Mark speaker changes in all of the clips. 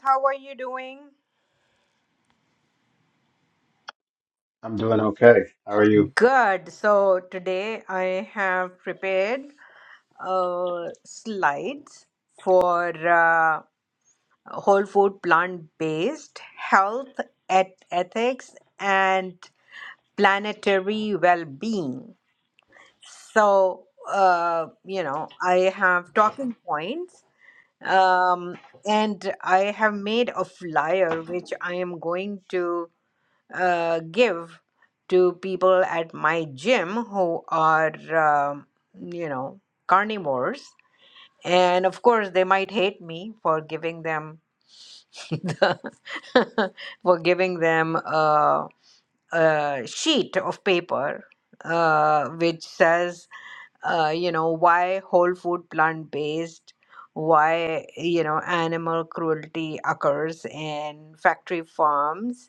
Speaker 1: How are you doing?
Speaker 2: I'm doing okay. How are you?
Speaker 1: Good. So today I have prepared uh, slides for uh, whole food plant based health, et- ethics, and planetary well being. So, uh, you know, I have talking points um, and I have made a flyer which I am going to uh, give to people at my gym who are, um, you know, carnivores. And of course, they might hate me for giving them the, for giving them a, a sheet of paper uh, which says, uh, you know, why whole food plant based, why you know animal cruelty occurs in factory farms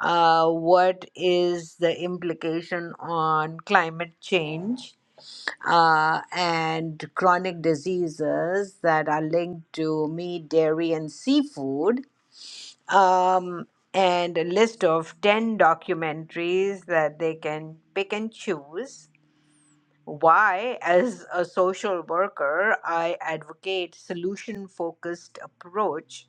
Speaker 1: uh, what is the implication on climate change uh, and chronic diseases that are linked to meat, dairy, and seafood, um, and a list of 10 documentaries that they can pick and choose. Why, as a social worker, I advocate solution focused approach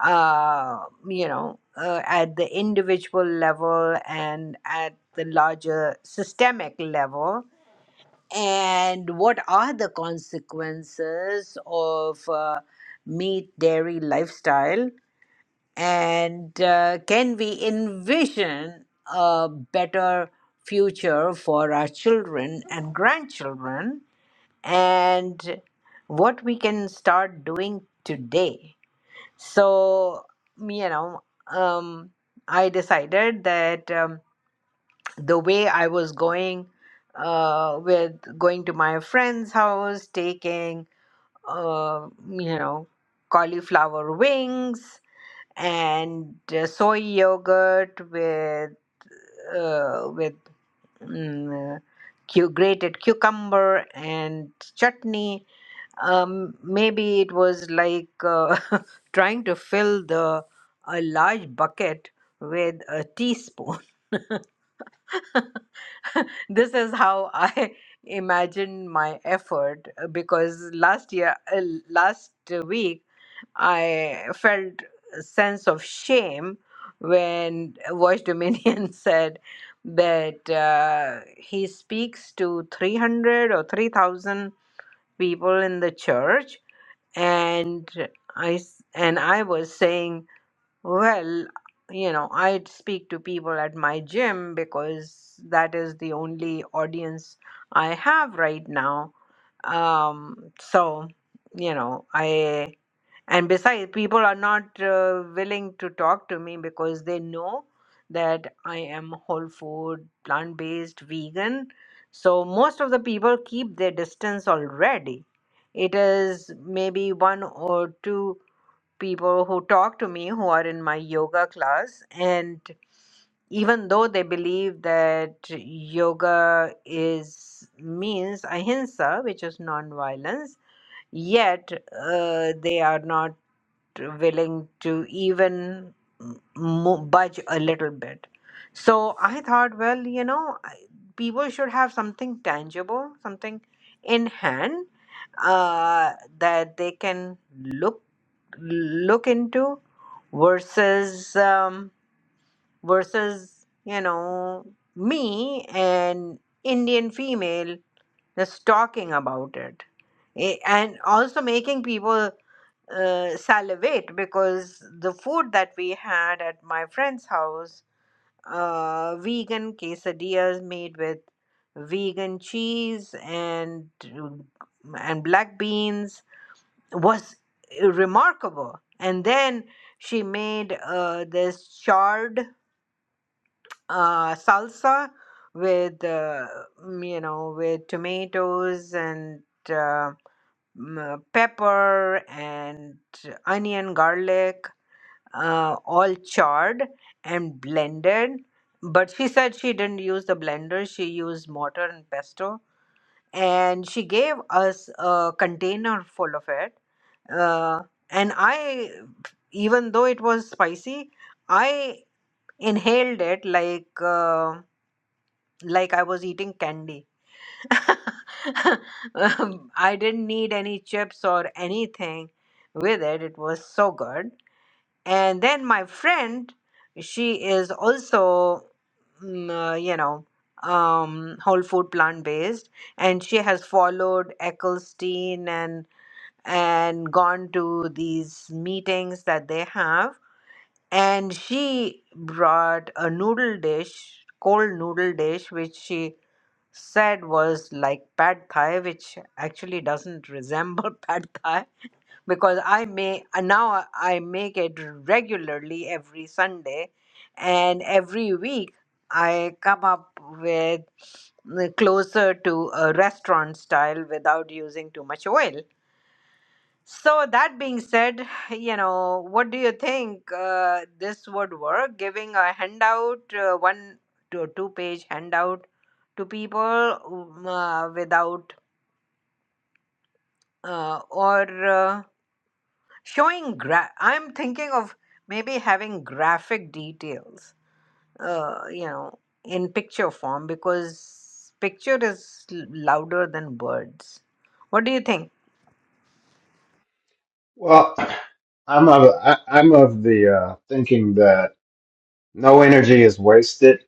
Speaker 1: uh, you know, uh, at the individual level and at the larger systemic level, and what are the consequences of uh, meat dairy lifestyle, and uh, can we envision a better future for our children and grandchildren, and what we can start doing today so, you know, um, I decided that um, the way I was going uh, with going to my friend's house, taking, uh, you know, cauliflower wings and uh, soy yogurt with uh, with mm, cu- grated cucumber and chutney um, maybe it was like uh, trying to fill the a large bucket with a teaspoon. this is how I imagine my effort uh, because last year, uh, last week, I felt a sense of shame when Voice Dominion said that uh, he speaks to 300 or 3,000 people in the church and I s- and I was saying, well, you know, I speak to people at my gym because that is the only audience I have right now. Um, so, you know, I and besides, people are not uh, willing to talk to me because they know that I am whole food, plant based, vegan. So most of the people keep their distance already. It is maybe one or two people who talk to me who are in my yoga class. And even though they believe that yoga is means ahimsa, which is non violence, yet uh, they are not willing to even mo- budge a little bit. So I thought, well, you know, I- people should have something tangible, something in hand uh, that they can look look into versus um, versus you know me an Indian female just talking about it. A- And also making people uh, salivate because the food that we had at my friend's house, uh, vegan quesadillas made with vegan cheese and and black beans was remarkable. And then she made uh, this charred uh, salsa with uh, mm, you know with tomatoes and uh, mm, uh, pepper and onion, garlic, uh, all charred and blended. But she said she didn't use the blender, she used mortar and pesto. And she gave us a container full of it. Uh, and I, even though it was spicy, I inhaled it like uh, like I was eating candy. Um, I didn't need any chips or anything with it. It was so good and then my friend she is also mm, uh, you know um whole food plant based and she has followed Eccleston and and gone to these meetings that they have and she brought a noodle dish cold noodle dish which she said was like pad thai which actually doesn't resemble pad thai because I may uh, now I I make it regularly every Sunday, and every week I come up with uh, closer to a restaurant style without using too much oil. So that being said, you know, what do you think uh, this would work? Giving a handout, uh, one to two page handout to people um, uh, without uh, or. uh, showing gra- i'm thinking of maybe having graphic details uh, you know in picture form because picture is l- louder than words what do you think
Speaker 2: Well, I'm of I, I'm of the uh, thinking that no energy is wasted.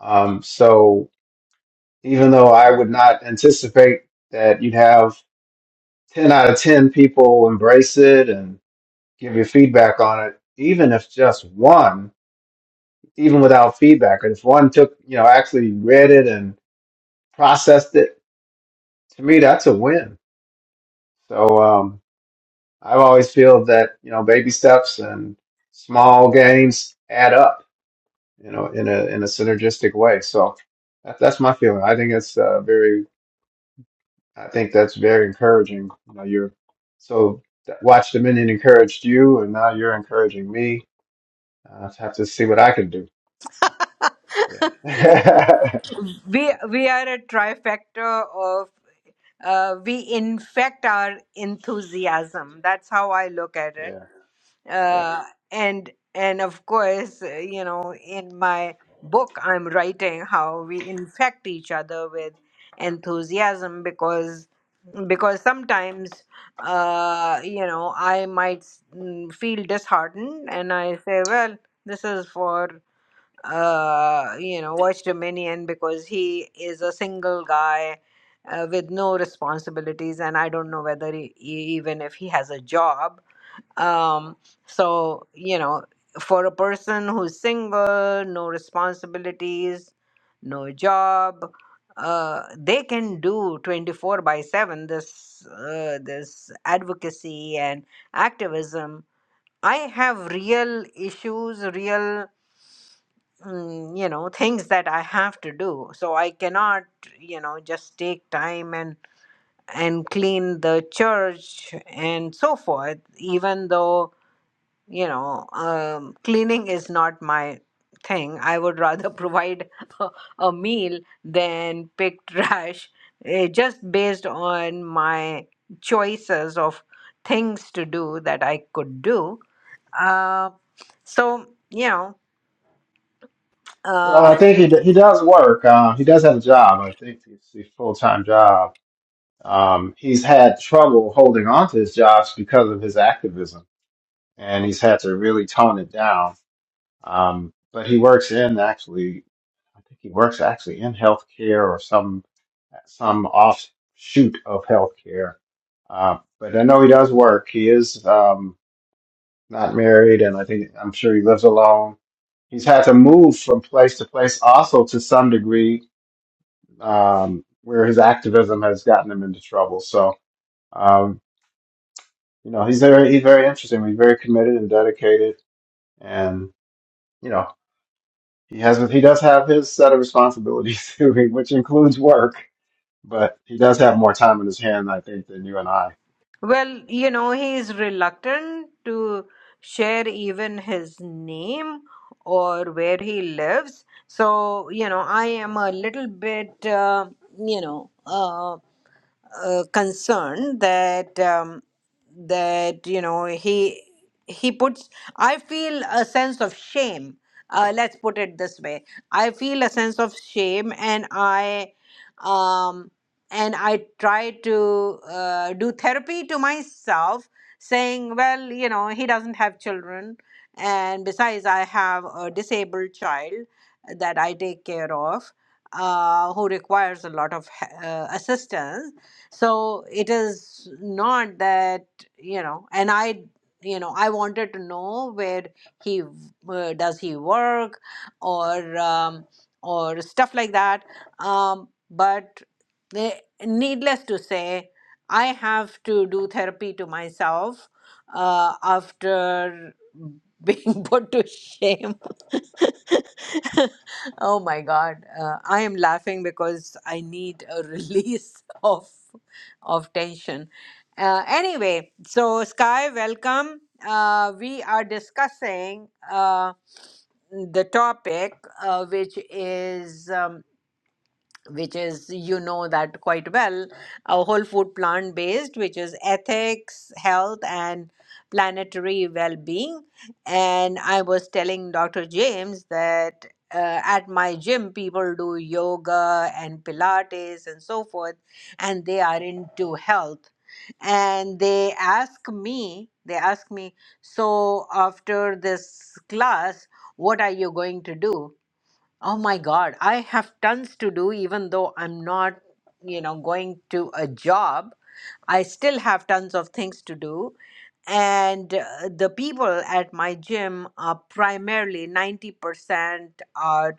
Speaker 2: Um, so even though I would not anticipate that you'd have ten out of ten people embrace it and give you feedback on it, even if just one, even without feedback, if one took you know actually read it and processed it, to me that's a win. So. Um, I've always feel that you know baby steps and small gains add up, you know, in a in a synergistic way. So that, that's my feeling. I think it's uh, very. I think that's very encouraging. You know, you're so that Watch Dominion encouraged you, and now you're encouraging me. I have to see what I can do. Yeah,
Speaker 1: we we are a trifecta of uh, we infect our enthusiasm that's how i look at it
Speaker 2: yeah, yeah.
Speaker 1: uh, and and of course uh, you know in my book i'm writing how we infect each other with enthusiasm because because sometimes uh, you know i might s- mm, feel disheartened and i say well this is for uh, you know watch dominion because he is a single guy uh, with no responsibilities and i don't know whether he, e- even if he has a job um so you know for a person who's single no responsibilities no job uh they can do 24 by 7 this uh, this advocacy and activism i have real issues real mm, you know things that i have to do so i cannot you know just take time and and clean the church and so forth even though you know, um, cleaning is not my thing. I would rather provide a, a meal than pick trash, eh, just based on my choices of things to do that I could do. Uh, so, you know,
Speaker 2: Well,
Speaker 1: uh,
Speaker 2: I think he d- he does work. Uh, he does have a job. I think it's a full time job um, he's had trouble holding on to his jobs because of his activism, and he's had to really tone it down. Um, but he works in actually, I think he works actually in healthcare or some some offshoot of healthcare. Uh, but I know he does work. He is um, not married, and I think I'm sure he lives alone. He's had to move from place to place, also to some degree, um, where his activism has gotten him into trouble. So. Um, you know he's very he's very interesting. He's very committed and dedicated, and you know he has he does have his set of responsibilities, which includes work, but he does have more time in his hand, I think, than you and I.
Speaker 1: Well, you know, he is reluctant to share even his name or where he lives. So, you know, I am a little bit, uh, you know, uh uh, concern that um, that you know he he puts i feel a sense of shame uh, let's put it this way i feel a sense of shame and i um, and i try to uh, do therapy to myself saying well you know he doesn't have children and besides i have a disabled child that i take care of uh, who requires a lot of he- uh, assistance so it is not that you know and i you know i wanted to know where he uh, does he work or um, or stuff like that um, but they, needless to say i have to do therapy to myself uh, after being put to shame oh my god uh, i am laughing because i need a release of of tension. Uh, anyway, so Sky, welcome. Uh, we are discussing uh, the topic, uh, which is. um, which is you know that quite well a whole food plant based which is ethics health and planetary well-being and i was telling dr james that uh, at my gym people do yoga and pilates and so forth and they are into health and they ask me they ask me so after this class what are you going to do Oh my God, I have tons to do, even though I'm not, you know, going to a job. I still have tons of things to do. And uh, the people at my gym are primarily 90% are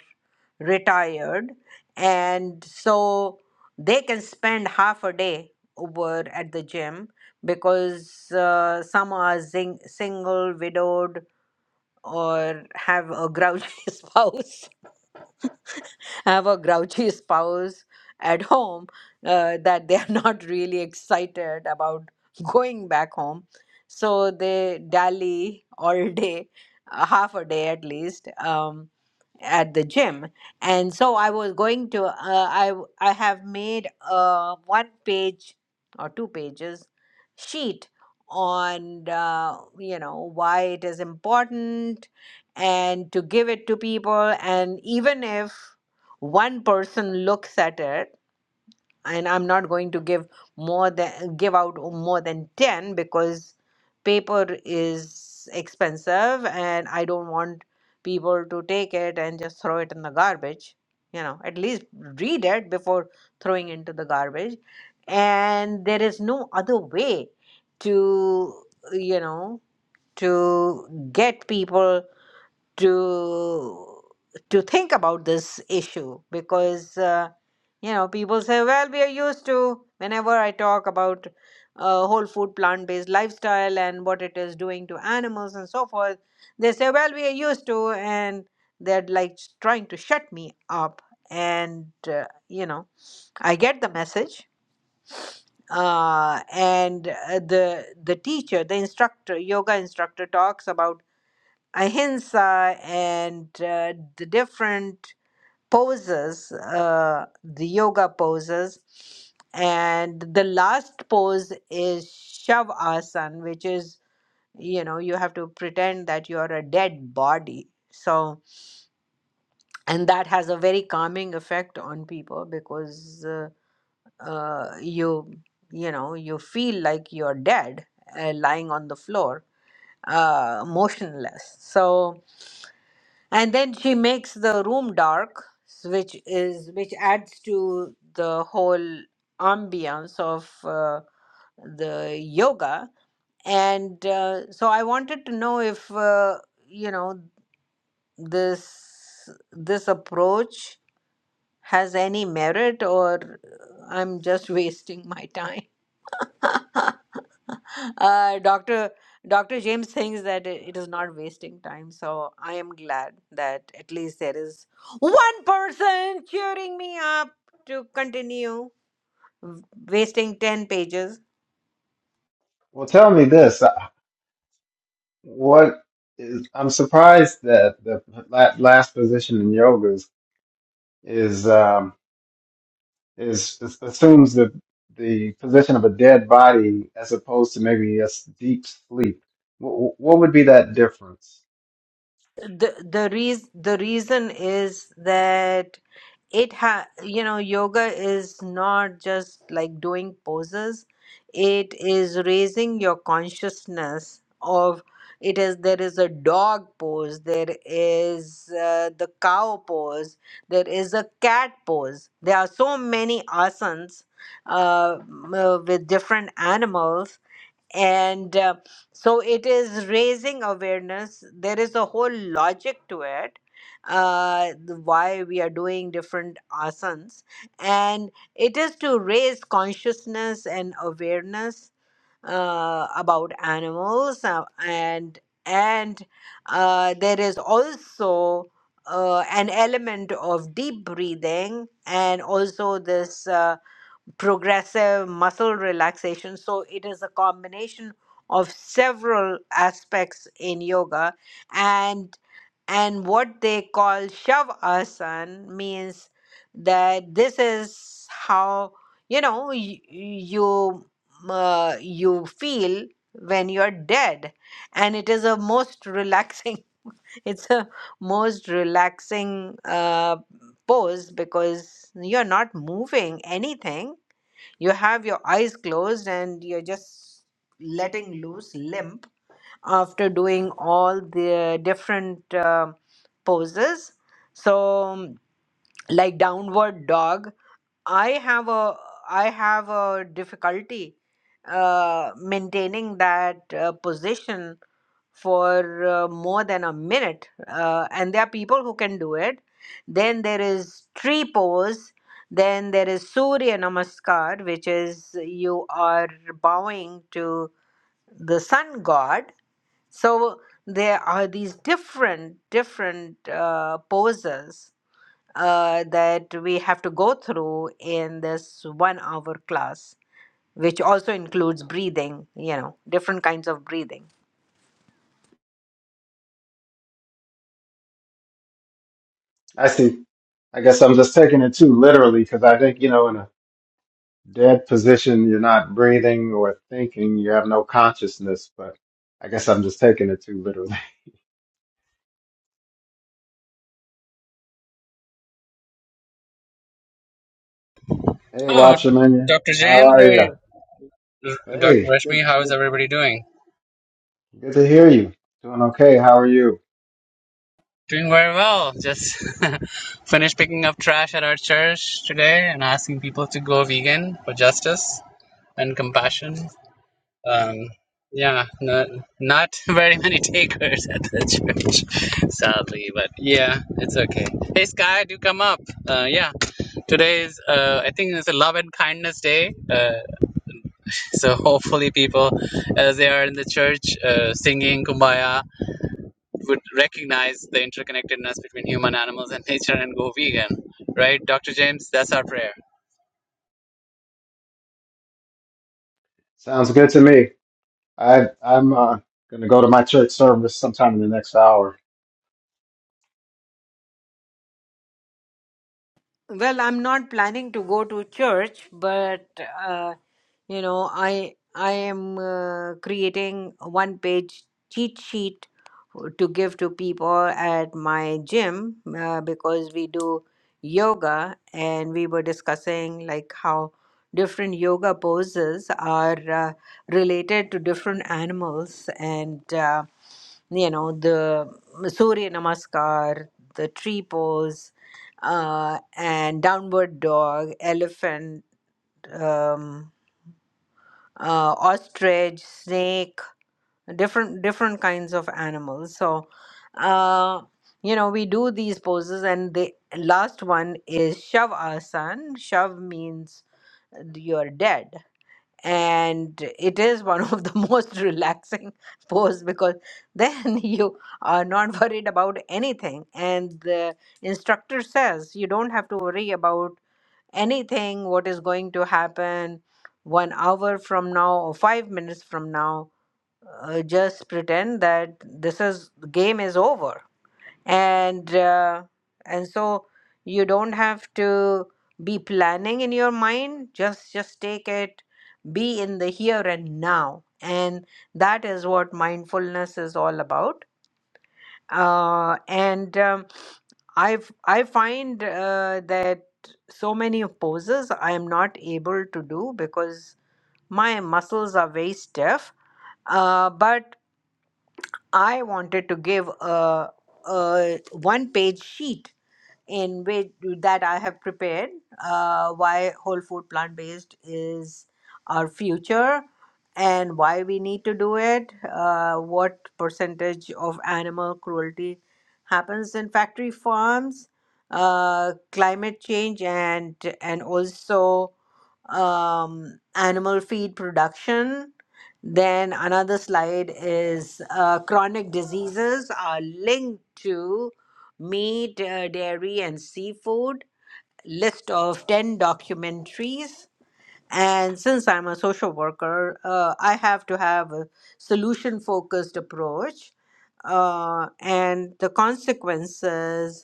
Speaker 1: retired. And so they can spend half a day over at the gym because uh, some are zing- single, widowed, or have a grouchy spouse have a grouchy spouse at home uh, that they are not really excited about going back home. So they dally all day, uh, half a day at least, um, at the gym and so i was going to uh, i w- i have made a one page or two pages sheet on uh, you know why it is important and to give it to people and even if one person looks at it and I'm not going to give more than give out more than 10 because paper is expensive and I don't want people to take it and just throw it in the garbage. You know, at least read it before throwing into the garbage. And there is no other way to, you know, to get people to to think about this issue because uh, you know people say well we are used to whenever i talk about uh, whole food plant based lifestyle and what it is doing to animals and so forth they say well we are used to and they're like trying to shut me up and uh, you know i get the message uh, and uh, the the teacher the instructor yoga instructor talks about ahimsa and uh, the different poses, uh, the yoga poses. And the last pose is shavasana, which is, you know, you have to pretend that you're a dead body. So, and that has a very calming effect on people because uh, uh, you, you know, you feel like you're dead uh, lying on the floor, uh, motionless. So, and then she makes the room dark s- which is which adds to the whole ambiance of uh, the yoga and uh, so i wanted to know if uh, you know this this approach has any merit or uh, i'm just wasting my time uh, Dr. Dr. James thinks that it it is not wasting time, so I am glad that at least there is one person cheering me up to continue w- wasting 10 pages.
Speaker 2: Well, tell me this: uh, what is I'm surprised that the la- last position in yoga is is um, is, is assumes the the position of a dead body as opposed to maybe a s- deep sleep. What, what would be that difference?
Speaker 1: The, the, reas the reason is that it ha you know yoga is not just like doing poses it is raising your consciousness of it is there is a dog pose there is uh, the cow pose there is a cat pose there are so many asanas uh, m- uh, with different animals and uh, so it is raising awareness there is a whole logic to it uh the- why we are doing different asanas and it is to raise consciousness and awareness uh, about animals uh, and and uh, there is also uh, an element of deep breathing and also this uh, progressive muscle relaxation. So it is a combination of several aspects in yoga and and what they call shavasana means that this is how you know you you, uh, you feel when you're dead and it is a most relaxing it's a most relaxing uh, pose because you're not moving anything you have your eyes closed and you're just letting loose limp after doing all the different uh, poses so um, like downward dog i have a i have a difficulty uh, maintaining that uh, position for uh, more than a minute, uh, and there are people who can do it. Then there is tree pose. Then there is Surya Namaskar, which is you are bowing to the sun god. So there are these different, different uh, poses uh, that we have to go through in this one hour class, which also includes breathing, you know, different kinds of breathing.
Speaker 2: I see. I guess I'm just taking it too literally because I think, you know, in a dead position, you're not breathing or thinking, you have no consciousness, but I guess I'm just taking it too literally. Hey,
Speaker 3: Oh,
Speaker 2: Watchman,
Speaker 3: Dr.
Speaker 2: how
Speaker 3: James,
Speaker 2: are you?
Speaker 3: hey, Dr.
Speaker 2: Hey, good,
Speaker 3: Rashmi, how is
Speaker 2: good,
Speaker 3: everybody doing?
Speaker 2: good to hear you. Doing okay. How are you?
Speaker 3: Doing very well. Just finished picking up trash at our church today and asking people to go vegan for justice and compassion. Um, yeah, not, not very many takers at the church, sadly, but yeah, it's okay. Hey, Sky, do come up. Uh, yeah, today is, uh, I think it's a love and kindness day. Uh, So hopefully, people as they are in the church uh, singing Kumbaya would recognize the interconnectedness between human animals and nature and go vegan, right, Dr. James? That's our prayer.
Speaker 2: Sounds good to me. I, I'm uh, going to go to my church service sometime in the next hour.
Speaker 1: Well, I'm not planning to go to church, but uh, you know, I I am uh, creating a one-page cheat sheet to give to people at my gym uh, because we do yoga, and we were discussing like how different yoga poses are uh, related to different animals, and uh, you know, the Surya Namaskar, the tree pose uh, and downward dog, elephant, um, uh, ostrich, snake, different different kinds of animals. So, uh, you know, we do these poses, and the last one is shavasana. Shav means you're dead, and it is one of the most relaxing pose because then you are not worried about anything, and the instructor says you don't have to worry about anything what is going to happen one hour from now or five minutes from now uh, just pretend that this is game is over and uh, and so you don't have to be planning in your mind just just take it be in the here and now and that is what mindfulness is all about uh, and um, I've I find uh, that so many of poses I am not able to do because my muscles are very stiff. Uh, but I wanted to give a, a one page sheet in which that I have prepared. Uh, why whole food plant based is our future, and why we need to do it. Uh, what percentage of animal cruelty happens in factory farms? Uh, climate change and and also um, animal feed production. Then another slide is uh, chronic diseases are linked to meat, uh, dairy, and seafood. List of 10 documentaries. And since I'm a social worker, uh, I have to have a solution focused approach. Uh, and the consequences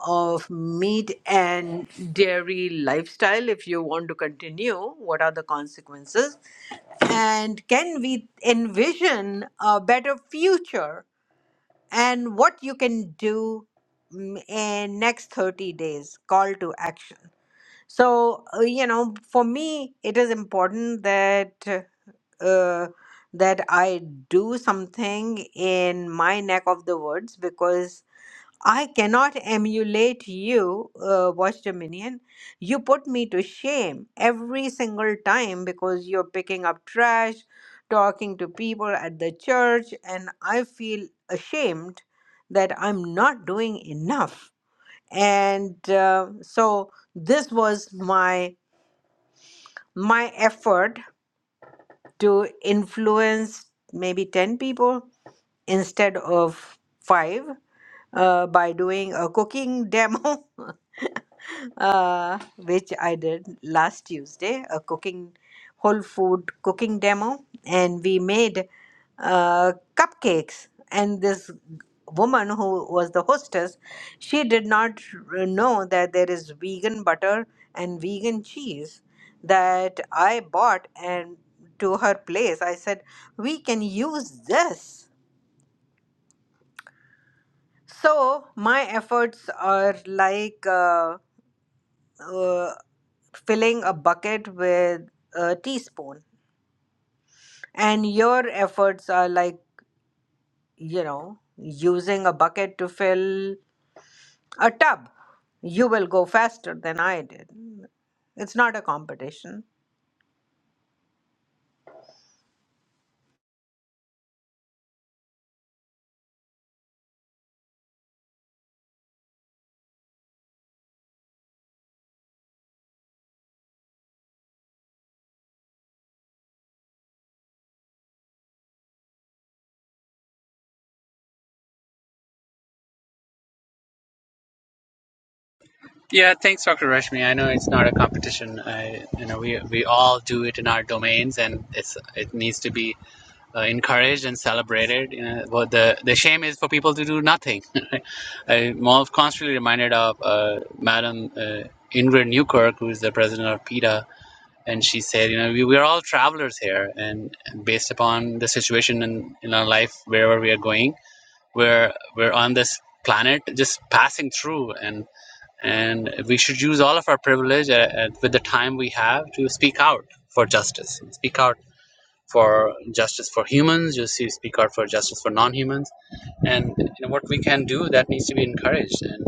Speaker 1: of meat and dairy lifestyle if you want to continue? What are the consequences? And can we envision a better future and what you can do mm, in next 30 days call to action so uh, you know for me it is important that uh, that i do something in my neck of the woods because I cannot emulate you, uh, Watch Dominion. You put me to shame every single time because you're picking up trash, talking to people at the church, and I feel ashamed that I'm not doing enough. And uh, so this was my my effort to influence maybe ten people instead of five uh, by doing a cooking demo uh, which I did last Tuesday, a cooking whole food cooking demo, and we made uh, cupcakes. And this woman who was the hostess, she did not r- know that there is vegan butter and vegan cheese that I bought and to her place. I said, "We can use this." So my efforts are like. uh, uh, filling a bucket with a teaspoon and your efforts are like you know using a bucket to fill a tub you will go faster than i did it's not a competition
Speaker 3: Yeah, thanks, Dr. Rashmi. I know it's not a competition. I, you know, we we all do it in our domains, and it's it needs to be uh, encouraged and celebrated. You know, but the the shame is for people to do nothing. I'm constantly reminded of uh, Madam uh, Ingrid Newkirk, who is the president of PETA and she said, you know, we, we're all travelers here, and and based upon the situation in, in our life, wherever we are going, we're we're on this planet just passing through, and and we should use all of our privilege uh, uh, with the time we have to speak out for justice, speak out for justice for humans, just speak out for justice for non-humans, and you know, what we can do that needs to be encouraged, and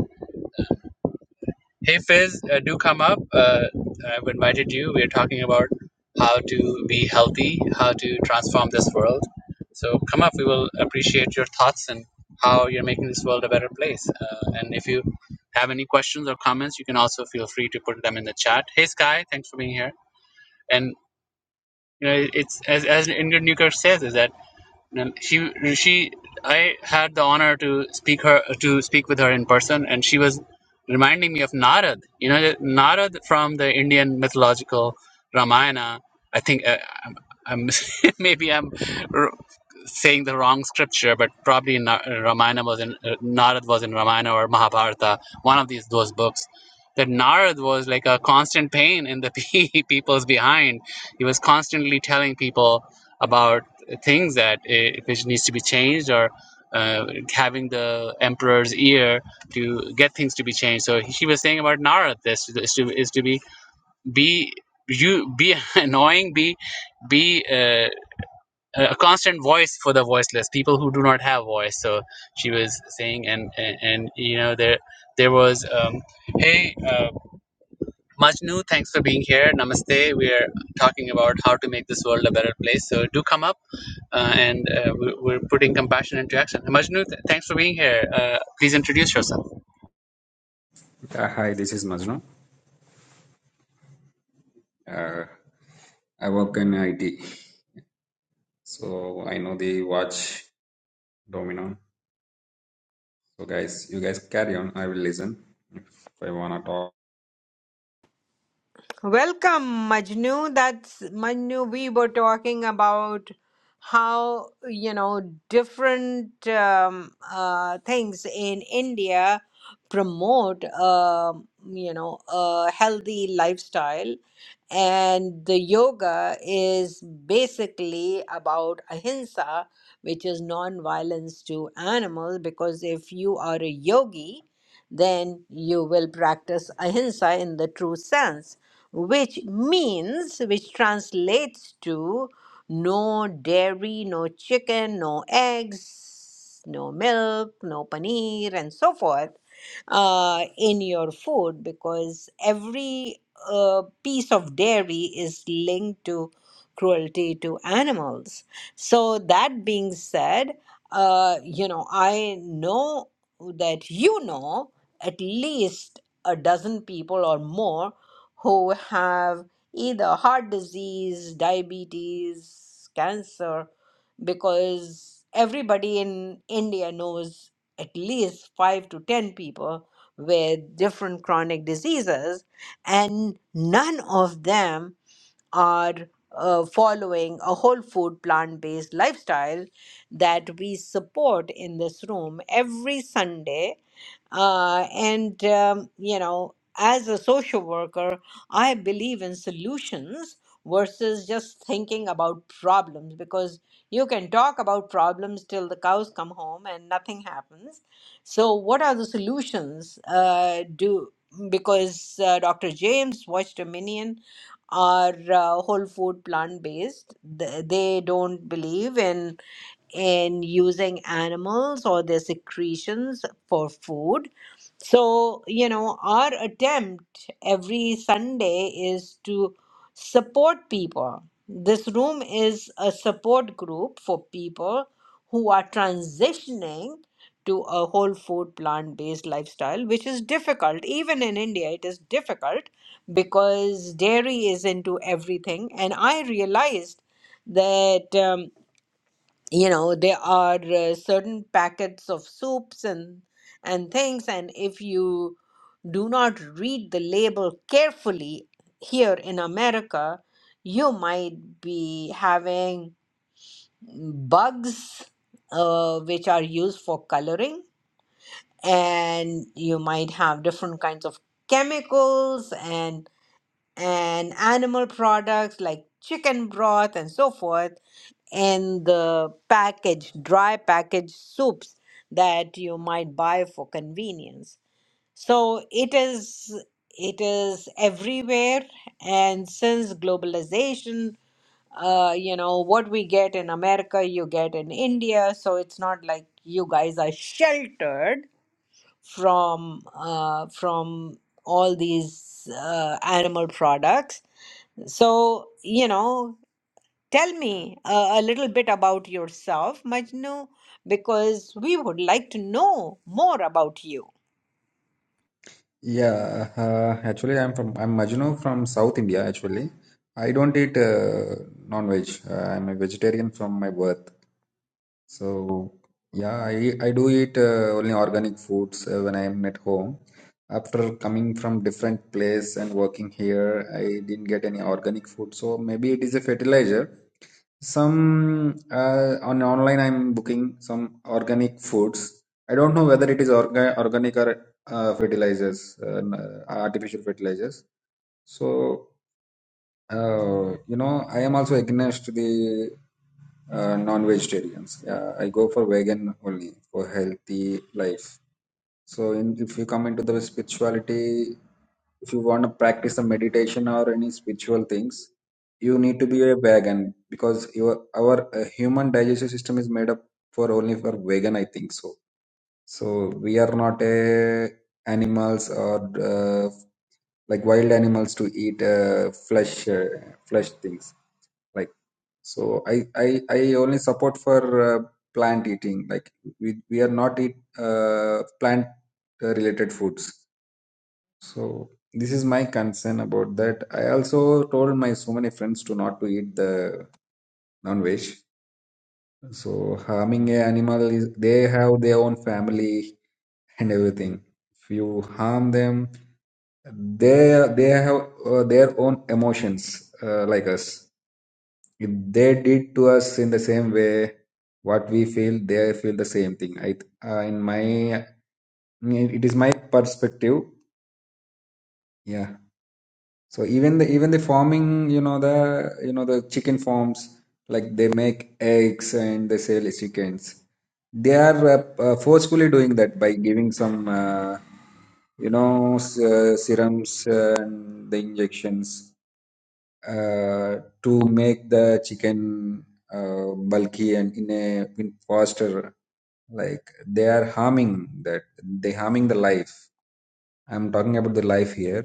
Speaker 3: Hey Fizz, uh, do come up. Uh, I've invited you. We're talking about how to be healthy, how to transform this world. So come up. We will appreciate your thoughts and how you're making this world a better place. Uh, and if you have any questions or comments, you can also feel free to put them in the chat. Hey Sky, thanks for being here. And you know, it's as as Ingrid Newkirk says, is that and she she I had the honor to speak her to speak with her in person, and she was reminding me of Narad. You know, Narad from the Indian mythological Ramayana. I think uh, I'm, I'm maybe I'm r- saying the wrong scripture, but probably Na- Ramayana was in uh, Narad was in Ramayana or Mahabharata, one of these those books. That Narad was like a constant pain in the pe- people's behind. He was constantly telling people about things that i- if it needs to be changed or uh, having the emperor's ear to get things to be changed. So she was saying about Nara, this is to, is to be be you be annoying, be be uh, a constant voice for the voiceless people who do not have voice. So she was saying, and and, and you know there there was um, hey. Uh, Majnu, thanks for being here. Namaste. We are talking about how to make this world a better place. So do come up, uh, and uh, we're, we're putting compassion into action. Majnu, th- thanks for being here. Uh, please introduce yourself.
Speaker 4: Uh, hi, this is Majnu. Uh, I work in IT, so I know the watch domino. So, guys, you guys carry on. I will listen if I wanna talk.
Speaker 1: Welcome, Majnu. That's Majnu. We were talking about how, you know, different um, uh, things in India promote, um you know, a healthy lifestyle. And the yoga is basically about ahimsa, which is non violence to animals, because if you are a yogi, then you will practice ahimsa in the true sense which means, which translates to no dairy, no chicken, no eggs, no milk, no paneer, and so forth uh, in your food because every uh, piece of dairy is linked to cruelty to animals. So, that being said, uh, you know, I know that you know at least a dozen people or more who have either heart disease, diabetes, cancer, because everybody in India knows at least five to 10 people with different chronic diseases, and none of them are uh, following a whole food plant based lifestyle that we support in this room every Sunday uh, and, um, you know, as a social worker, I believe in solutions versus just thinking about problems because you can talk about problems till the cows come home and nothing happens. So, what are the solutions? Uh, do because uh, Dr. James watched a minion are uh, whole food plant based they don't believe in in using animals or their secretions for food so, you know, our attempt every Sunday is to support people. This room is a support group for people who are transitioning to a whole food plant based lifestyle, which is difficult. Even in India, it is difficult because dairy is into everything. And I realized that. Um, you know there are uh, certain packets of soups and and things and if you do not read the label carefully here in america you might be having bugs uh, which are used for coloring and you might have different kinds of chemicals and and animal products like chicken broth and so forth and the packaged dry packaged soups that you might buy for convenience so it is it is everywhere and since globalization uh, you know what we get in america you get in india so it's not like you guys are sheltered from uh, from all these uh, animal products so, you know, tell me uh, a little bit about yourself, Majnu, because we would like to know more about you.
Speaker 4: Yeah, uh, actually, I'm from I'm Majnu from South India. Actually, I don't eat uh, non-veg. Uh, I'm a vegetarian from my birth. So yeah, I, I do eat uh, only organic foods uh, when I'm at home. After coming from different place and working here, I didn't get any organic food. So maybe it is a fertilizer. Some uh, on online I'm booking some organic foods. I don't know whether it is orga organic or uh, fertilizers, uh, n- artificial fertilizers. So. Uh, you know, I am also against the uh, non-vegetarians. Yeah, I go for vegan only for healthy life. So, in, if you come into the spirituality, if you want to practice the meditation or any spiritual things, you need to be a vegan because your our uh, human digestive system is made up for only for vegan. I think so. So we are not a animals or uh, like wild animals to eat uh, flesh uh, flesh things like so i i, I only support for uh, plant eating like we, we are not eat uh, plant uh, related foods so this is my concern about that i also told my so many friends to not to eat the non-veg so harming a animal is they have their own family and everything if you harm them they they have uh, their own emotions uh, like us If they did to us in the same way, what we feel, they feel the same thing. I, uh, in my, it is my perspective. Yeah. So even the even the farming, you know the you know the chicken farms, like they make eggs and they sell chickens. They are uh, uh, forcefully doing that by giving some, uh, you know, s- uh, serums and the injections uh, to make the chicken uh, bulky and in a in faster like they are harming that they harming the life i'm talking about the life here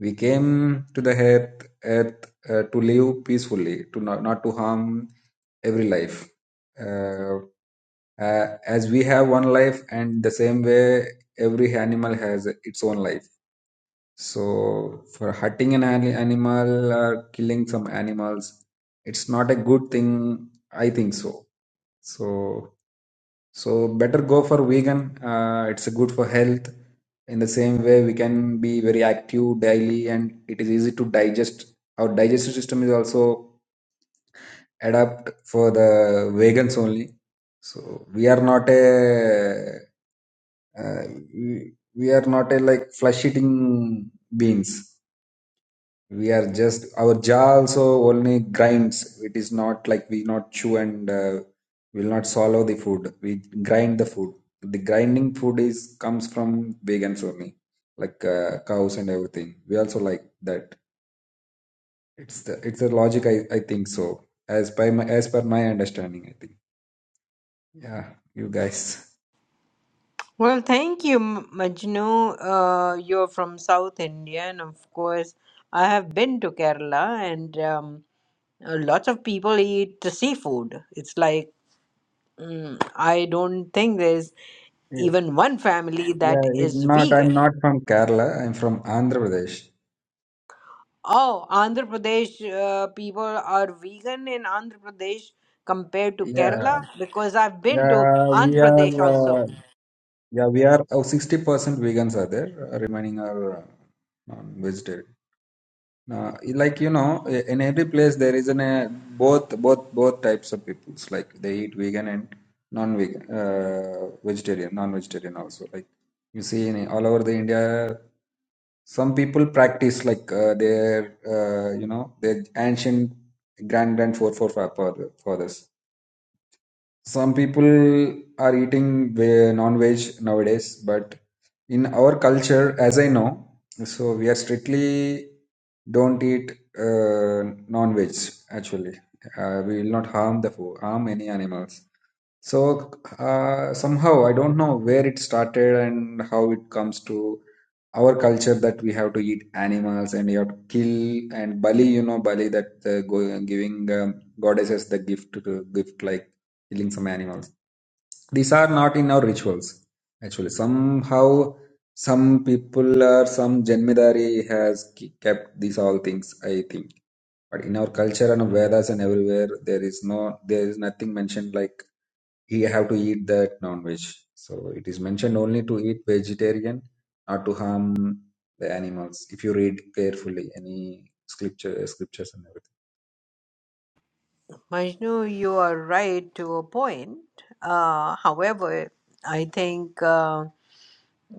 Speaker 4: we came to the earth earth uh, to live peacefully to not, not to harm every life uh, uh, as we have one life and the same way every animal has its own life so for hurting an ani- animal or killing some animals, it's not a good thing. I think so. So so better go for vegan. Uh, it's good for health. In the same way, we can be very active daily, and it is easy to digest. Our digestive system is also adapt for the vegans only. So we are not a uh, we, we are not a like flesh eating beings we are just our jaw also only grinds. It is not like we not chew and uh, will not swallow the food. We grind the food. The grinding food is comes from vegans only, like uh, cows and everything. We also like that. It's the it's a logic. I, I think so. As by my as per my understanding, I think. Yeah, you guys.
Speaker 1: Well, thank you, M- Majnu. Uh, you're from South India, and of course, I have been to Kerala, and um, uh, lots of people eat the seafood. It's like mm, I don't think there's
Speaker 4: Yeah,
Speaker 1: even one family
Speaker 4: yeah,
Speaker 1: that
Speaker 4: it
Speaker 1: is
Speaker 4: not.
Speaker 1: vegan.
Speaker 4: I'm not from Kerala. I'm from Andhra Pradesh.
Speaker 1: Oh, Andhra Pradesh uh, people are vegan in Andhra Pradesh compared to
Speaker 4: Yeah,
Speaker 1: Kerala because I've been to
Speaker 4: yeah, we
Speaker 1: Andhra Pradesh also.
Speaker 4: are. Uh, Yeah, we are Oh, sixty percent vegans are there, uh, remaining are uh, non-vegetarian. Uh, like you know, i- in every place there is an uh, both both both types of peoples. Like they eat vegan and non-vegan, uh, vegetarian, non-vegetarian also. Like you see in all over the India, some people practice like uh, their uh, you know their ancient grand grand forefathers some people are eating ve- non-veg nowadays, but in our culture, as I know, so we are strictly don't eat uh, non-veg. Actually, uh, we will not harm the food, harm any animals. So uh, somehow I don't know where it started and how it comes to our culture that we have to eat animals and you have to kill and Bali, you know, Bali that uh, go, giving um, goddesses the gift to gift like killing some animals. These are not in our rituals actually. Somehow some people or some Janmidari has ki- kept these all things. I think, but in our culture and Vedas and everywhere there is no there is nothing mentioned like he have to eat that non-veg. So it is mentioned only to eat vegetarian, not to harm the animals. If you read carefully any scripture, scriptures and
Speaker 1: Majnu, you are right to a point. Uh, however, I think uh,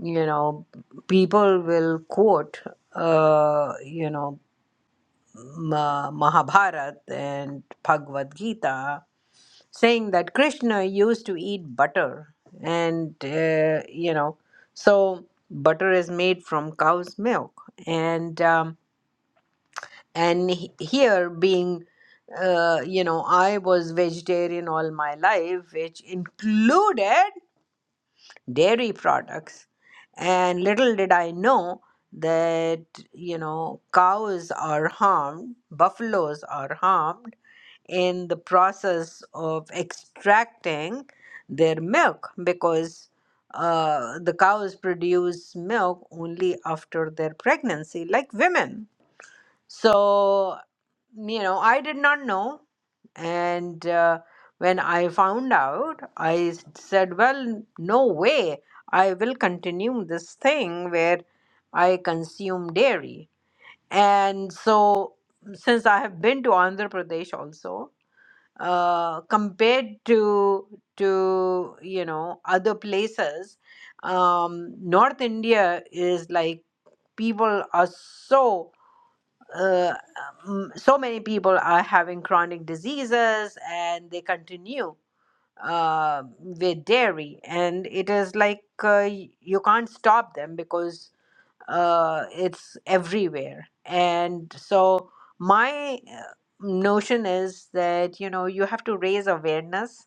Speaker 1: you know people will quote uh, you know Ma- Mahabharata and Bhagavad Gita saying that Krishna used to eat butter, and uh, you know, so butter is made from cow's milk, and um, and he- here being, uh, you know, I was vegetarian all my life, which included dairy products, and little did I know that you know cows are harmed buffaloes are harmed in the process of extracting their milk because uh, the cows produce milk only after their pregnancy, like women. So, you know, I did not know. And uh, when I found out, I s- said, well, no way. I will continue this thing where I consume dairy. And so, since I have been to Andhra Pradesh also, uh, compared to to you know other places um, north india is like people are so uh, um, so many people are having chronic diseases and they continue uh, with dairy and it is like uh, y- you can't stop them because uh, it's everywhere. And so my uh, notion is that you know you have to raise awareness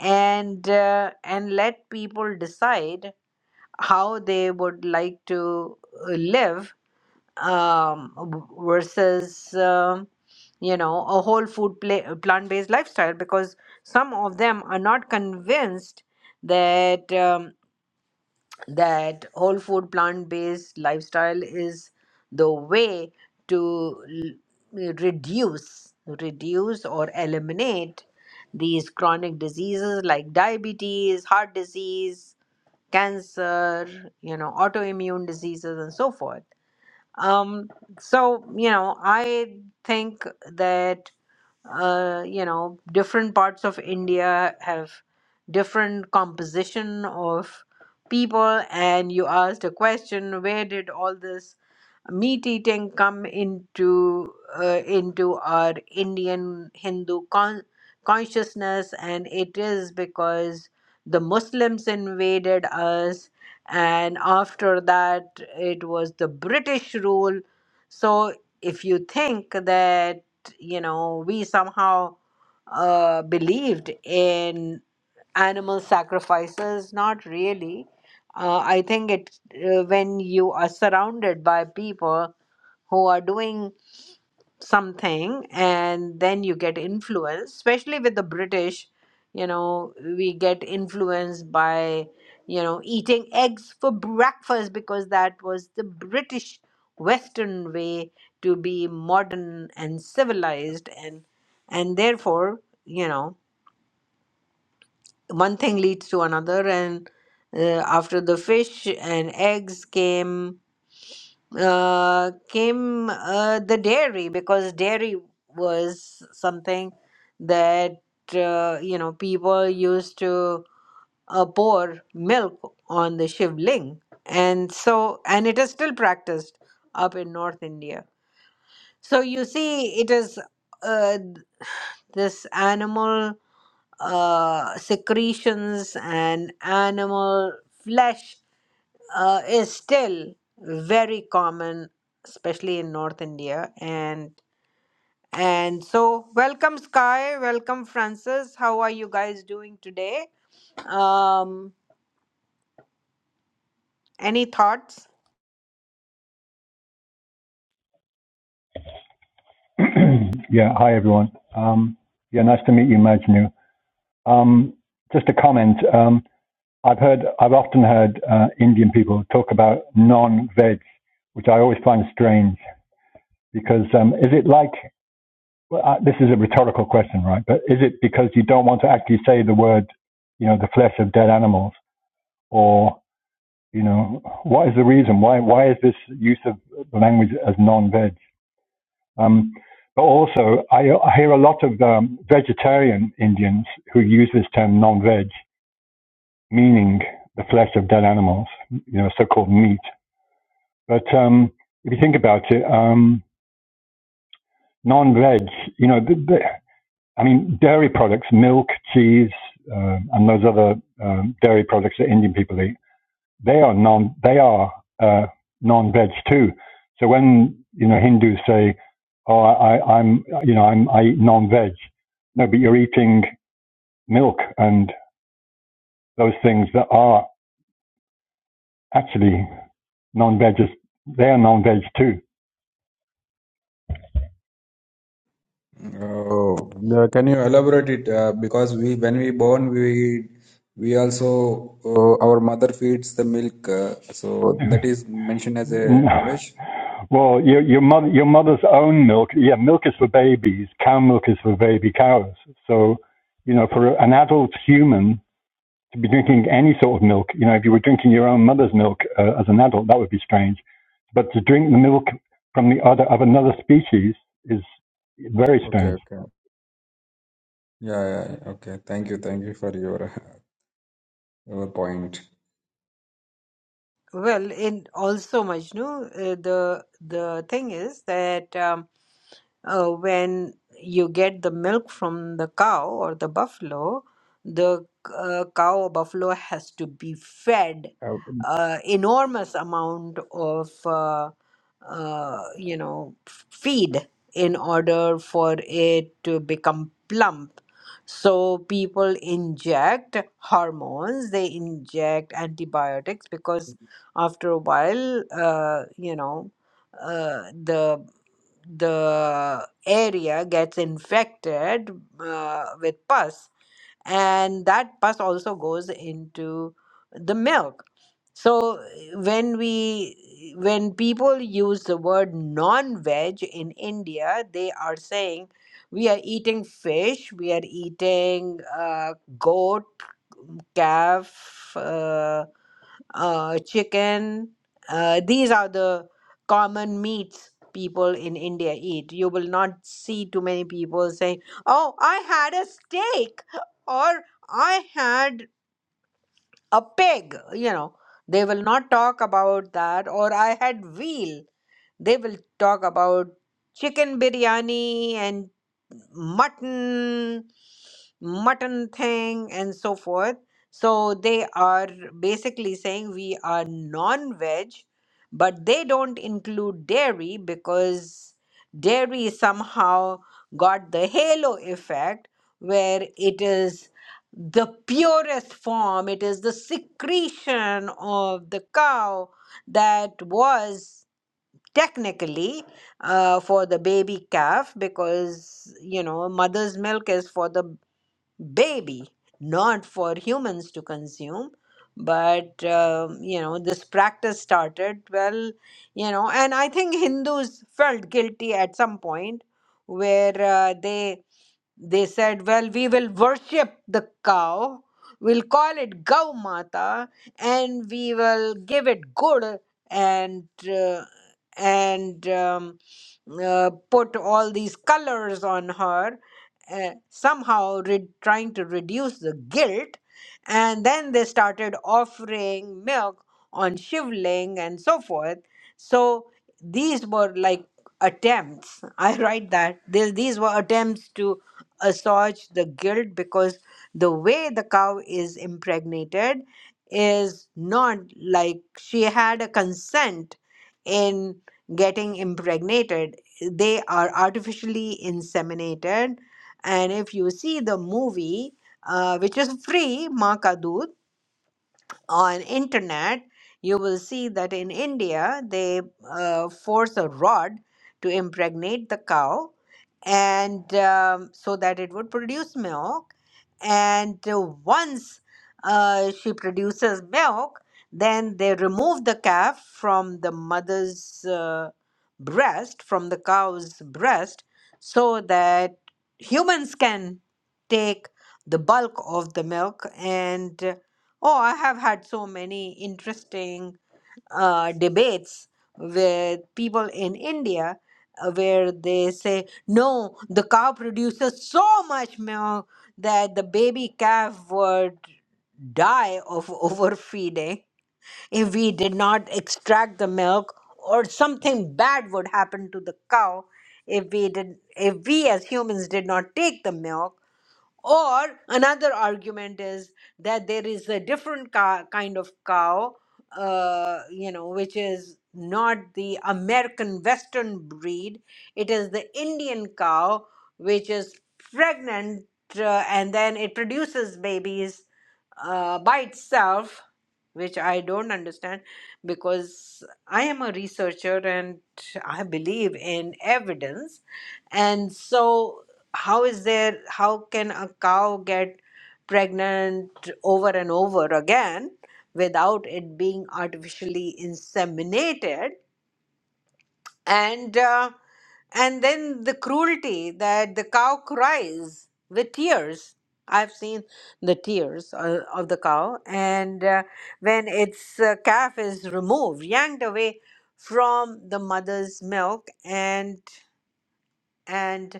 Speaker 1: and uh, and let people decide how they would like to uh, live um, w- versus um you know a whole food pla- plant based lifestyle because some of them are not convinced that. Um, that whole food plant based lifestyle is the way to l- eh, reduce reduce or eliminate these chronic diseases like diabetes heart disease cancer you know autoimmune diseases and so forth um so you know i think that uh, you know different parts of india have different composition of people and you asked a question where did all this meat eating come into uh, into our Indian Hindu con- consciousness, and it is because the Muslims invaded us, and after that it was the British rule. So if you think that you know we somehow uh, believed in animal sacrifices not really uh, i think it uh, when you are surrounded by people who are doing something and then you get influenced especially with the british you know we get influenced by you know eating eggs for breakfast because that was the british western way to be modern and civilized and and therefore you know one thing leads to another and uh, after the fish and eggs came uh, came uh, the dairy because dairy was something that uh, you know people used to uh, pour milk on the shivling and so and it is still practiced up in north india so you see it is uh, this animal uh, secretions and animal flesh uh, is still very common, especially in North India. And and so, welcome Sky, welcome Francis. How are you guys doing today? Um, any thoughts?
Speaker 5: Yeah. Hi, everyone. Um, Yeah, nice to meet you, Majnu. Um, Just a comment. Um, I've heard, I've often heard uh, Indian people talk about non-veg, which I always find strange because um, is it like, well, I- this is a rhetorical question, right? But is it because you don't want to actually say the word, you know, the flesh of dead animals? Or, you know, what is the reason? Why, why is this use of the language as non-veg? Um, but also, I, I hear a lot of um, vegetarian Indians who use this term non-veg, meaning the flesh of dead animals, you know, so-called meat. But um, if you think about it, um, non-veg, you know, the, the, I mean, dairy products, milk, cheese, uh, and those other um, dairy products that Indian people eat they are non they are uh, non veg too. So when you know Hindus say, "Oh, I, I, am you know I'm I eat non veg," no, but you're eating milk and those things that are actually non veg. They are non veg too.
Speaker 4: everything. Oh, uh, can you elaborate it? Uh, because we, when we born, we we also uh, our mother feeds the milk, uh, so that is mentioned as a
Speaker 5: well,
Speaker 4: non-veg.
Speaker 5: your your mother your mother's own milk. Yeah, milk is for babies. Cow milk is for baby cows. So you know, for an adult human to be drinking any sort of milk. You know, if you were drinking your own mother's milk uh, as an adult, that would be strange. But to drink the milk from the other of another species is very
Speaker 4: Okay,
Speaker 5: strange.
Speaker 4: okay, yeah, yeah, yeah. okay. Thank you, thank you for your your point.
Speaker 1: Well, in also Majnu, uh, the the thing is that. Um, uh, when you get the milk from the cow or the buffalo, the uh, cow or buffalo has to be fed uh, enormous amount of uh, uh, you know feed in order for it to become plump. So people inject hormones, they inject antibiotics because after a while, uh, you know, uh, the the area gets infected uh, with pus and that pus also goes into the milk so when we when people use the word non-veg in india they are saying we are eating fish we are eating uh, goat calf uh, uh, chicken. Uh, these are the common meats people in India eat. You will not see too many people saying, "Oh, I had a steak," or "I had a pig." You know, they will not talk about that. Or I had veal. They will talk about chicken biryani and mutton, mutton thing, and so forth. So they are basically saying we are non veg, but they don't include dairy because dairy somehow got the halo effect where it is the purest form, it is the secretion of the cow that was technically uh, for the baby calf because you know mother's milk is for the baby not for humans to consume but um, you know this practice started well you know and i think hindus felt guilty at some point where uh, they they said, Well, we will worship the cow, we'll call it Gau Mata, and we will give it good and uh, and um, uh, put all these colors on her, uh, somehow re- trying to reduce the guilt. And then they started offering milk on Shivling and so forth. So these were like attempts. I write that. These, these were attempts to assuage the guilt because the way the cow is impregnated is not like she had a consent in getting impregnated. They are artificially inseminated. And if you see the movie, uh, which is free, Ma Ka Doodh, on internet you will see that in india they uh, force a rod to impregnate the cow and um, so that it would produce milk and uh, once uh, she produces milk then they remove the calf from the mother's uh, breast from the cow's breast so that humans can take the bulk of the milk and Oh, I have had so many interesting uh, debates with people in India uh, where they say, no, the cow produces so much milk that the baby calf would die of overfeeding if we did not extract the milk, or something bad would happen to the cow if we did if we as humans did not take the milk or another argument is that there is a different ca- kind of cow, uh, you know, which is not the American Western breed. It is the Indian cow, which is pregnant uh, and then it produces babies uh, by itself, which I don't understand because I am a researcher and I believe in evidence. And so how is there how can a cow get pregnant over and over again without it being artificially inseminated and uh, and then the cruelty that the cow cries with tears i've seen the tears uh, of the cow and uh, when its uh, calf is removed yanked away from the mother's milk and and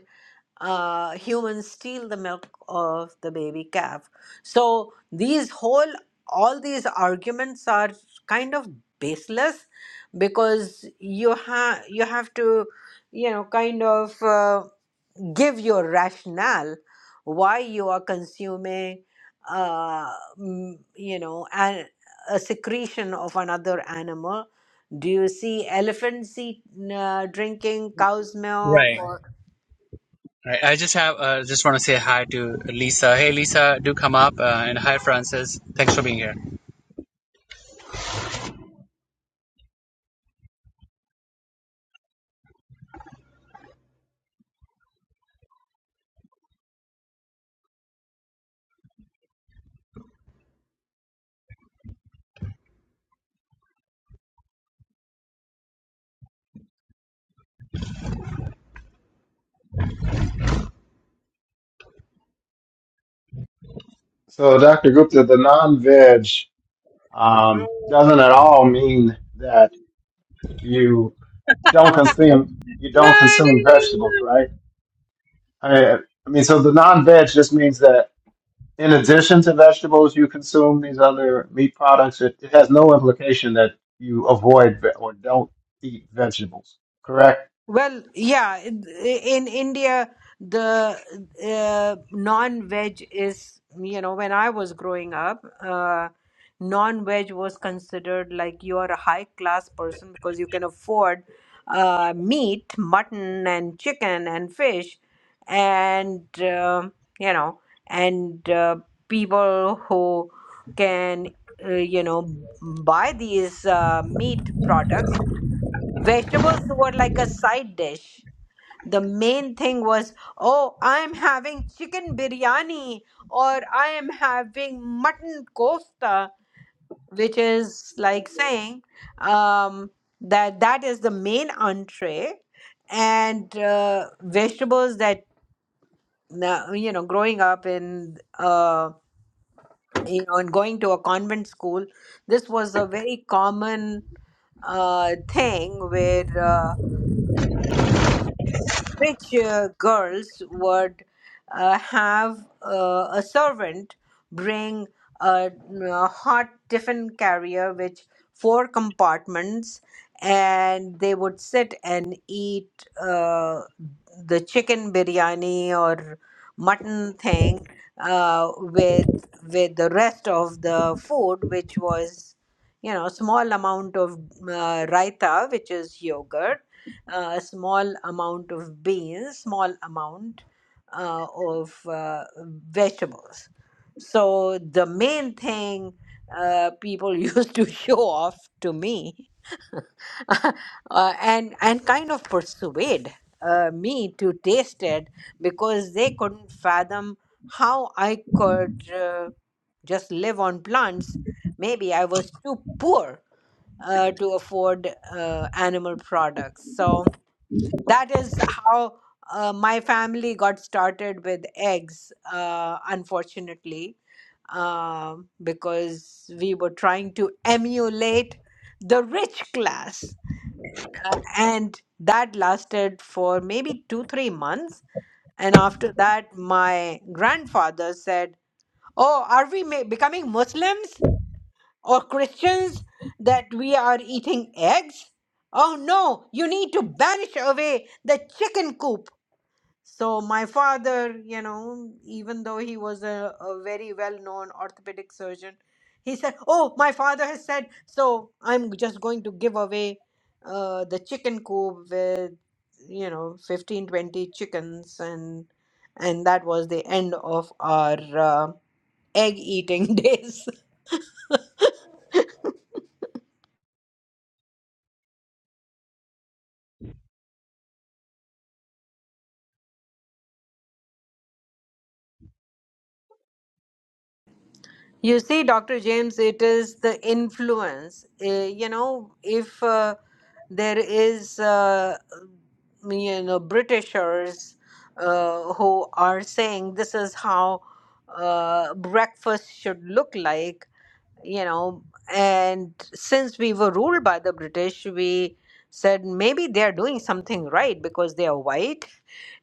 Speaker 1: uh, humans steal the milk of the baby calf. So these whole all these arguments are kind of baseless because you have you have to you know kind of uh, give your rationale why you are consuming uh, mm, you know an, a secretion of another animal do you see elephants eat, uh, drinking cow's
Speaker 3: Right.
Speaker 1: milk or
Speaker 3: Right. I just have uh, just want to say hi to Lisa. Hey, Lisa, do come up, uh, and hi, Francis. Thanks for being here.
Speaker 2: So, Dr. Gupta, the non-veg um, doesn't at all mean that you don't consume you don't consume vegetables, right? I mean, I mean, so the non-veg just means that in addition to vegetables, you consume these other meat products. It, it has no implication that you avoid ve- or don't eat vegetables. Correct?
Speaker 1: Well, yeah, in in India, the uh, non-veg is, you know, when I was growing up, uh, non-veg was considered like you are a high-class person because you can afford uh, meat, mutton, and chicken and fish, and uh, you know, and uh, people who can, uh, you know, buy these uh, meat products Vegetables were like a side dish. The main thing was, oh, I'm having chicken biryani or I am having mutton kofta, which is like saying um, that that is the main entree and uh, vegetables that na- you know growing up in uh, you know and going to a convent school this was a very common uh, thing where uh, rich uh, girls would uh, have uh, a servant bring a, a hot tiffin carrier which four compartments and they would sit and eat uh, the chicken biryani or mutton thing uh, with with the rest of the food which was you know small amount of uh, raita which is yogurt uh, a small amount of beans, small amount uh, of uh, vegetables. So the main thing uh, people used to show off to me uh, and and kind of persuade uh, me to taste it because they couldn't fathom how I could uh, just live on plants. Maybe I was too poor uh, to afford uh, animal products. So that is how uh, my family got started with eggs, uh, unfortunately, um, because we were trying to emulate the rich class. Uh, and that lasted for maybe two, three months. And after that, my grandfather said, Oh, are we ma- becoming Muslims? or Christians that we are eating eggs? Oh no, you need to banish away the chicken coop. So, my father, you know, even though he was a, a very well known orthopedic surgeon, he said, Oh, my father has said, so I'm just going to give away uh, the chicken coop with, you know, 15 20 chickens. And, and that was the end of our uh, egg eating days. You see, Dr. James, it is the influence. Uh, you know, if uh, there is, uh, mm, you know, Britishers uh, who are saying this is how uh, breakfast should look like, you know, and since we were ruled by the British, we said maybe they're doing something right because they are white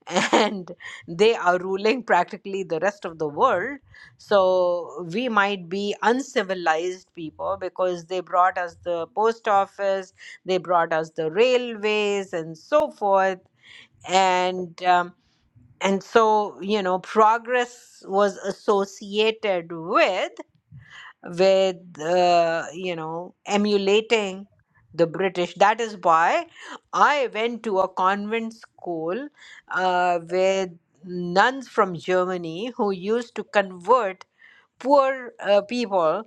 Speaker 1: and they are ruling practically the rest of the world. So we might be uncivilized people because they brought us the post office, they brought us the railways, and so forth. And um, and so you know, progress was associated with with uh, you know emulating the british that is why i went to a convent school uh, with nuns from germany who used to convert poor uh, people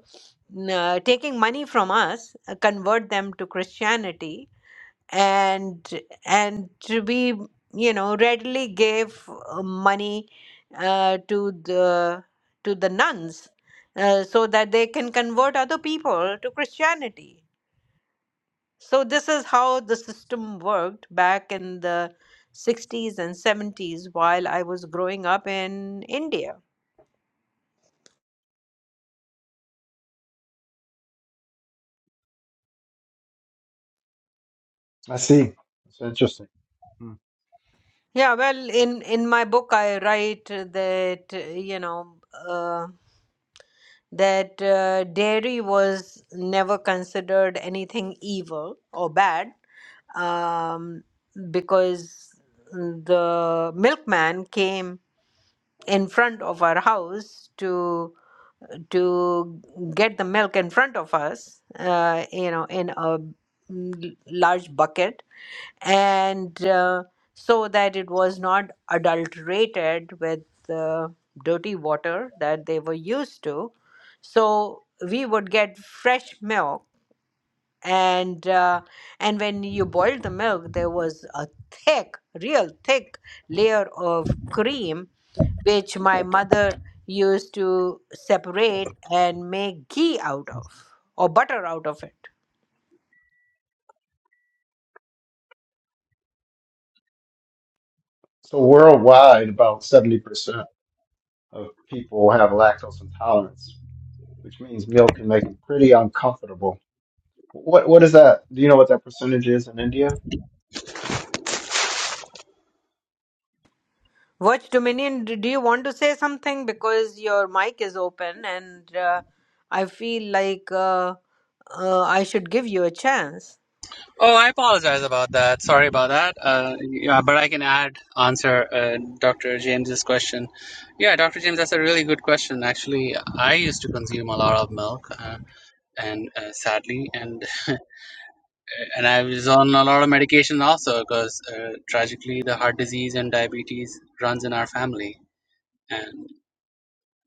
Speaker 1: n- uh, taking money from us uh, convert them to christianity and and we you know readily gave uh, money uh, to the to the nuns uh, so that they can convert other people to Christianity. So this is how the system worked back in the 60s and 70s while I was growing up in India.
Speaker 2: I see. That's interesting. Hmm.
Speaker 1: Yeah, well, in in my book I write that uh, you know. uh, that uh, dairy was never considered anything evil or bad um, because the milkman came in front of our house to to get the milk in front of us uh, you know in a mm, large bucket and uh, so that it was not adulterated with the dirty water that they were used to so we would get fresh milk and uh, and when you boiled the milk there was a thick real thick layer of cream which my mother used to separate and make ghee out of or butter out of it
Speaker 2: So worldwide, about seventy percent of people have lactose intolerance, which means milk can make them pretty uncomfortable. What what is that? Do you know what that percentage is in India?
Speaker 1: Watch Dominion, d- do you want to say something? Because your mic is open and uh, I feel like uh, uh, I should give you a chance.
Speaker 3: Oh, I apologize about that. Sorry about that. Uh, yeah, but I can add answer uh, Dr. James's question. Yeah, Dr. James, that's a really good question. Actually, I used to consume a lot of milk, uh, and uh, sadly, and and I was on a lot of medication also because uh, tragically, the heart disease and diabetes runs in our family, and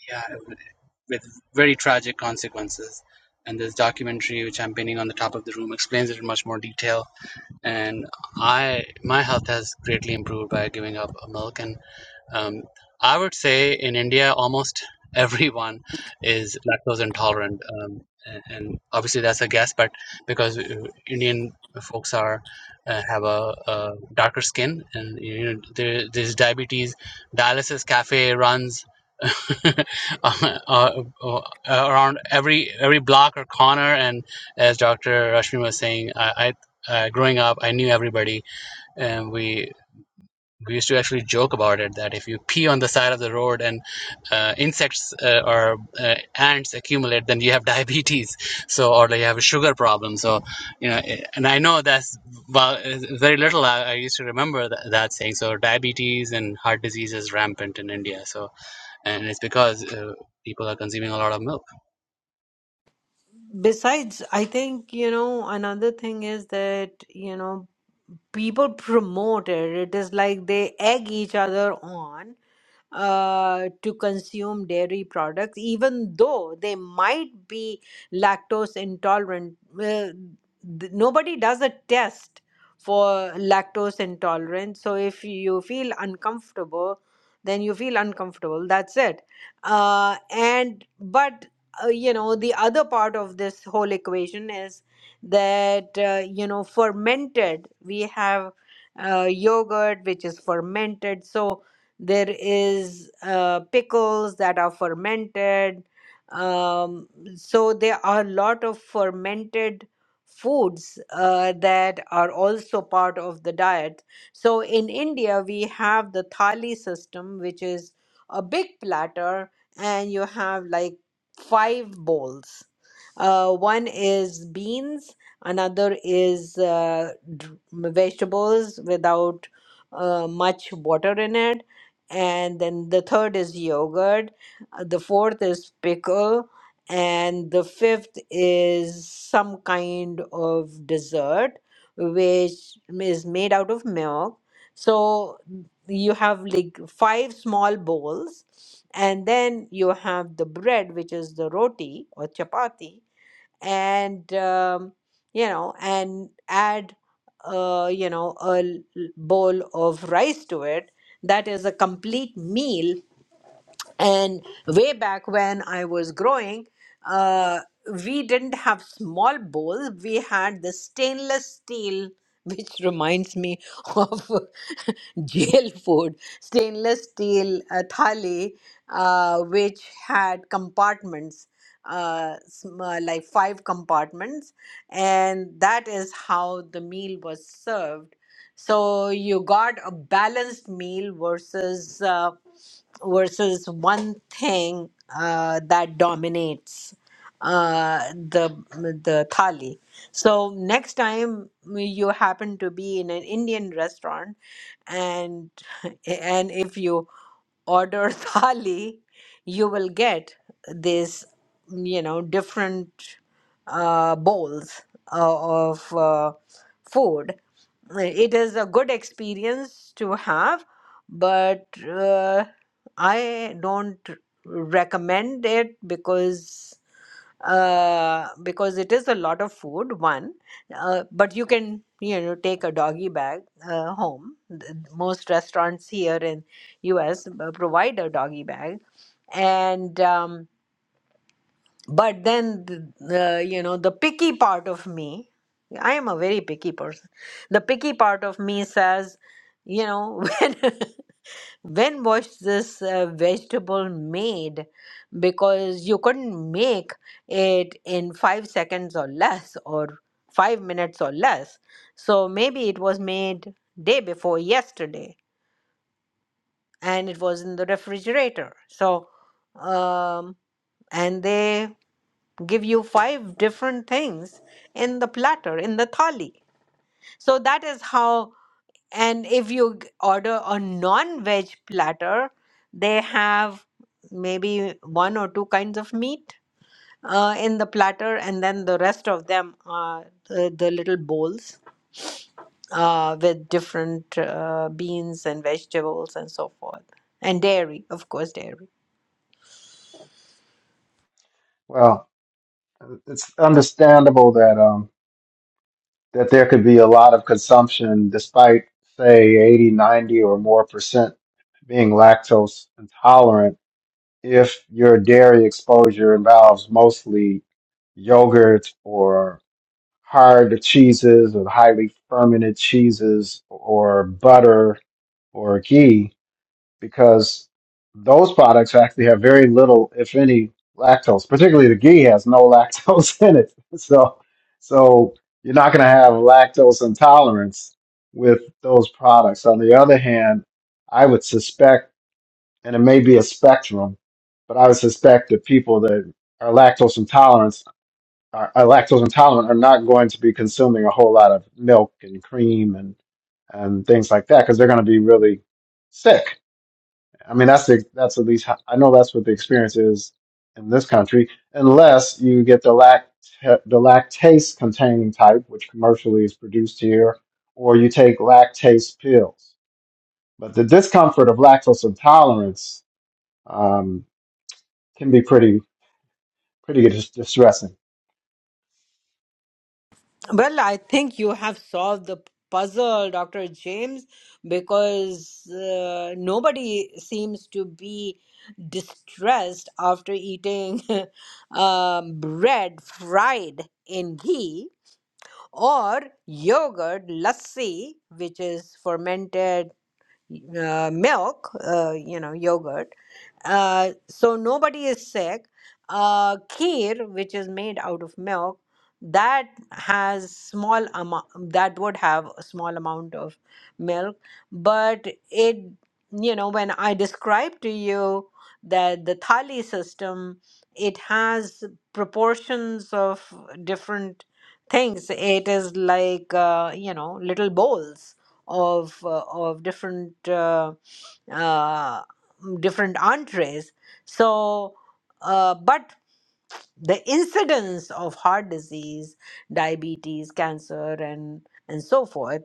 Speaker 3: yeah, with very tragic consequences. And this documentary, which I'm pinning on the top of the room, explains it in much more detail and I my health has greatly improved by giving up milk. And um, I would say in India, almost everyone is lactose intolerant, um, a- and obviously that's a guess, but because uh, Indian folks are uh, have a, a darker skin, and you know there, there's diabetes, dialysis cafe runs. uh, uh, uh, around every every block or corner, and as Dr. Rashmi was saying, I, I uh, growing up, I knew everybody, and we we used to actually joke about it that if you pee on the side of the road and uh, insects uh, or uh, ants accumulate, then you have diabetes, so or like you have a sugar problem. So you know, eh, and I know that's well, eh, very little. I, I used to remember that, that saying. So diabetes and heart disease is rampant in India. So and it's because uh, people are consuming a lot of milk.
Speaker 1: Besides, I think, you know, another thing is that, you know, people promote it. It is like they egg each other on uh, to consume dairy products, even though they might be lactose intolerant. Well, th- nobody does a test for lactose intolerance. So if you feel uncomfortable, then you feel uncomfortable. That's it. Uh, and but uh, you know the other part of this whole equation is that uh, you know fermented we have uh, yogurt which is fermented so there is uh, pickles that are fermented um, so there are a lot of fermented foods uh, that are also part of the diet so in india we have the thali system which is a big platter and you have like five bowls uh, one is beans another is uh, dr- vegetables without uh, much water in it and then the third is yogurt uh, the fourth is pickle and the fifth is some kind of dessert which is made out of milk so you have like five small bowls and then you have the bread which is the roti or chapati and um, you know and add uh, you know a l- bowl of rice to it that is a complete meal and way back when i was growing uh, we didn't have small bowls we had the stainless steel which reminds me of jail food stainless steel uh, thali uh, which had compartments uh, sm- uh, like five compartments and that is how the meal was served so you got a balanced meal versus uh, versus one thing uh, that dominates uh, the the thali. So next time you happen to be in an Indian restaurant, and and if you order thali, you will get this you know different uh, bowls uh, of uh, food. It is a good experience to have, but. uh, I don't recommend it because uh because it is a lot of food one uh, but you can you know take a doggy bag uh, home Th- most restaurants here in US uh, provide a doggy bag and um but then the, the you know the picky part of me I am a very picky person the picky part of me says you know when when was this uh, vegetable made because you couldn't make it in 5 seconds or less or 5 minutes or less so maybe it was made day before yesterday and it was in the refrigerator so um and they give you five different things in the platter in the thali so that is how, and if you g- order a non veg platter, they have maybe one or two kinds of meat uh, in the platter, and then the rest of them are the, the little bowls uh, with different uh, beans and vegetables and so forth, and dairy, of course, dairy.
Speaker 2: Well, it's understandable that um that there could be a lot of consumption despite say 80, 90, or more percent being lactose intolerant if your dairy exposure involves mostly yogurt or hard cheeses or highly fermented cheeses or butter or ghee. because those products actually have very little, if any, lactose. Particularly the ghee has no lactose in it, so so you're not going to have lactose intolerance with those products. On the other hand, I would suspect, and it may be a spectrum, but I would suspect that people that are lactose intolerant are, are lactose intolerant are not going to be consuming a whole lot of milk and cream and and things like that because they're going to be really sick I mean, that's the, that's at least how, I know that's what the experience is in this country, unless you get the lact the lactase containing type, which commercially is produced here, or you take lactase pills. But the discomfort of lactose intolerance um, can be pretty pretty dis- distressing.
Speaker 1: Well, I think you have solved the puzzle, Dr. James, because uh, nobody seems to be distressed after eating um, bread fried in ghee or yogurt lassi, which is fermented uh, milk, uh, you know, yogurt. Uh, so nobody is sick. Uh, kheer, which is made out of milk, that has small amount. That would have a small amount of milk, but it, you know, when I described to you that the thali system, it has proportions of different things. It is like uh, you know little bowls of uh, of different uh, uh, different entrees. So, uh, but the incidence of heart disease, diabetes, cancer, and and so forth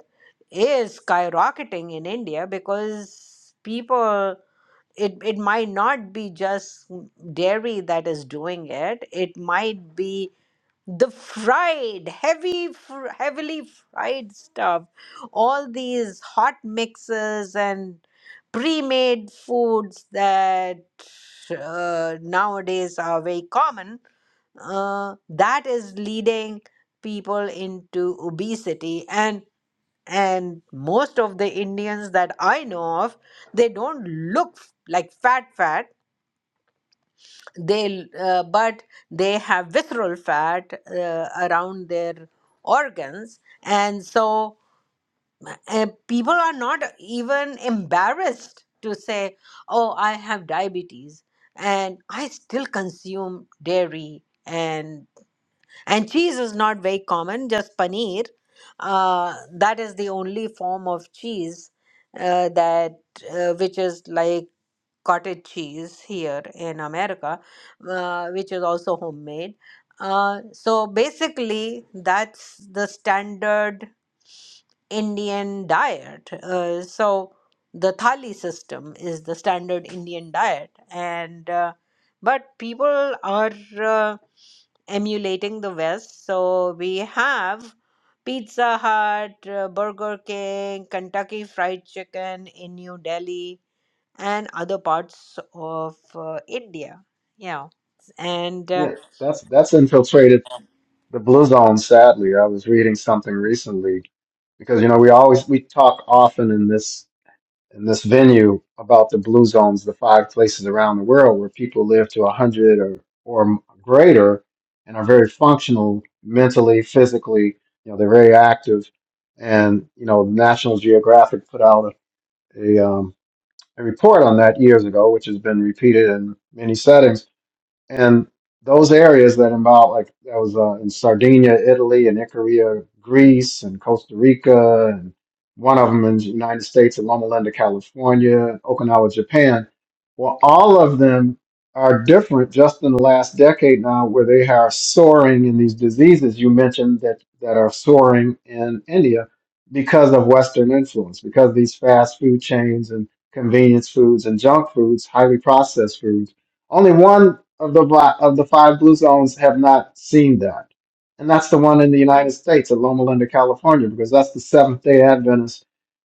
Speaker 1: is skyrocketing in India because people. It, it might not be just dairy that is doing it. It might be the fried heavy fr- heavily fried stuff all these hot mixes and pre-made foods that uh, nowadays are very common uh, that is leading people into obesity and and most of the indians that i know of they don't look f- like fat fat they uh, but they have visceral fat uh, around their organs and so uh, people are not even embarrassed to say oh i have diabetes and i still consume dairy and and cheese is not very common just paneer uh, that is the only form of cheese uh, that uh, which is like cottage cheese here in America, uh, which is also homemade. Uh, so basically, that's the standard Indian diet. Uh, so the thali system is the standard Indian diet, and uh, but people are uh, emulating the West. So we have Pizza Hut, uh, Burger King, Kentucky Fried Chicken in New Delhi and other parts of uh, India. Yeah, and uh,
Speaker 2: Yeah, that's that's infiltrated the blue zone. Sadly, I was reading something recently because you know we always we talk often in this in this venue about the blue zones, the five places around the world where people live to 100 or, or greater and are very functional mentally, physically. You know, they're very active. And, you know, National Geographic put out a, a, um, a report on that years ago, which has been repeated in many settings and those areas that involve, like that was uh, in Sardinia, Italy, and Icaria, Greece, and Costa Rica, and one of them in the United States, in Loma Linda, California, Okinawa, Japan. Well, all of them are different just in the last decade now, where they are soaring in these diseases you mentioned that, that are soaring in India because of Western influence, because these fast food chains and convenience foods and junk foods, highly processed foods only one of the bla- of the five blue zones have not seen that, and that's the one in the United States at Loma Linda, California, because that's the Seventh Day Adventist,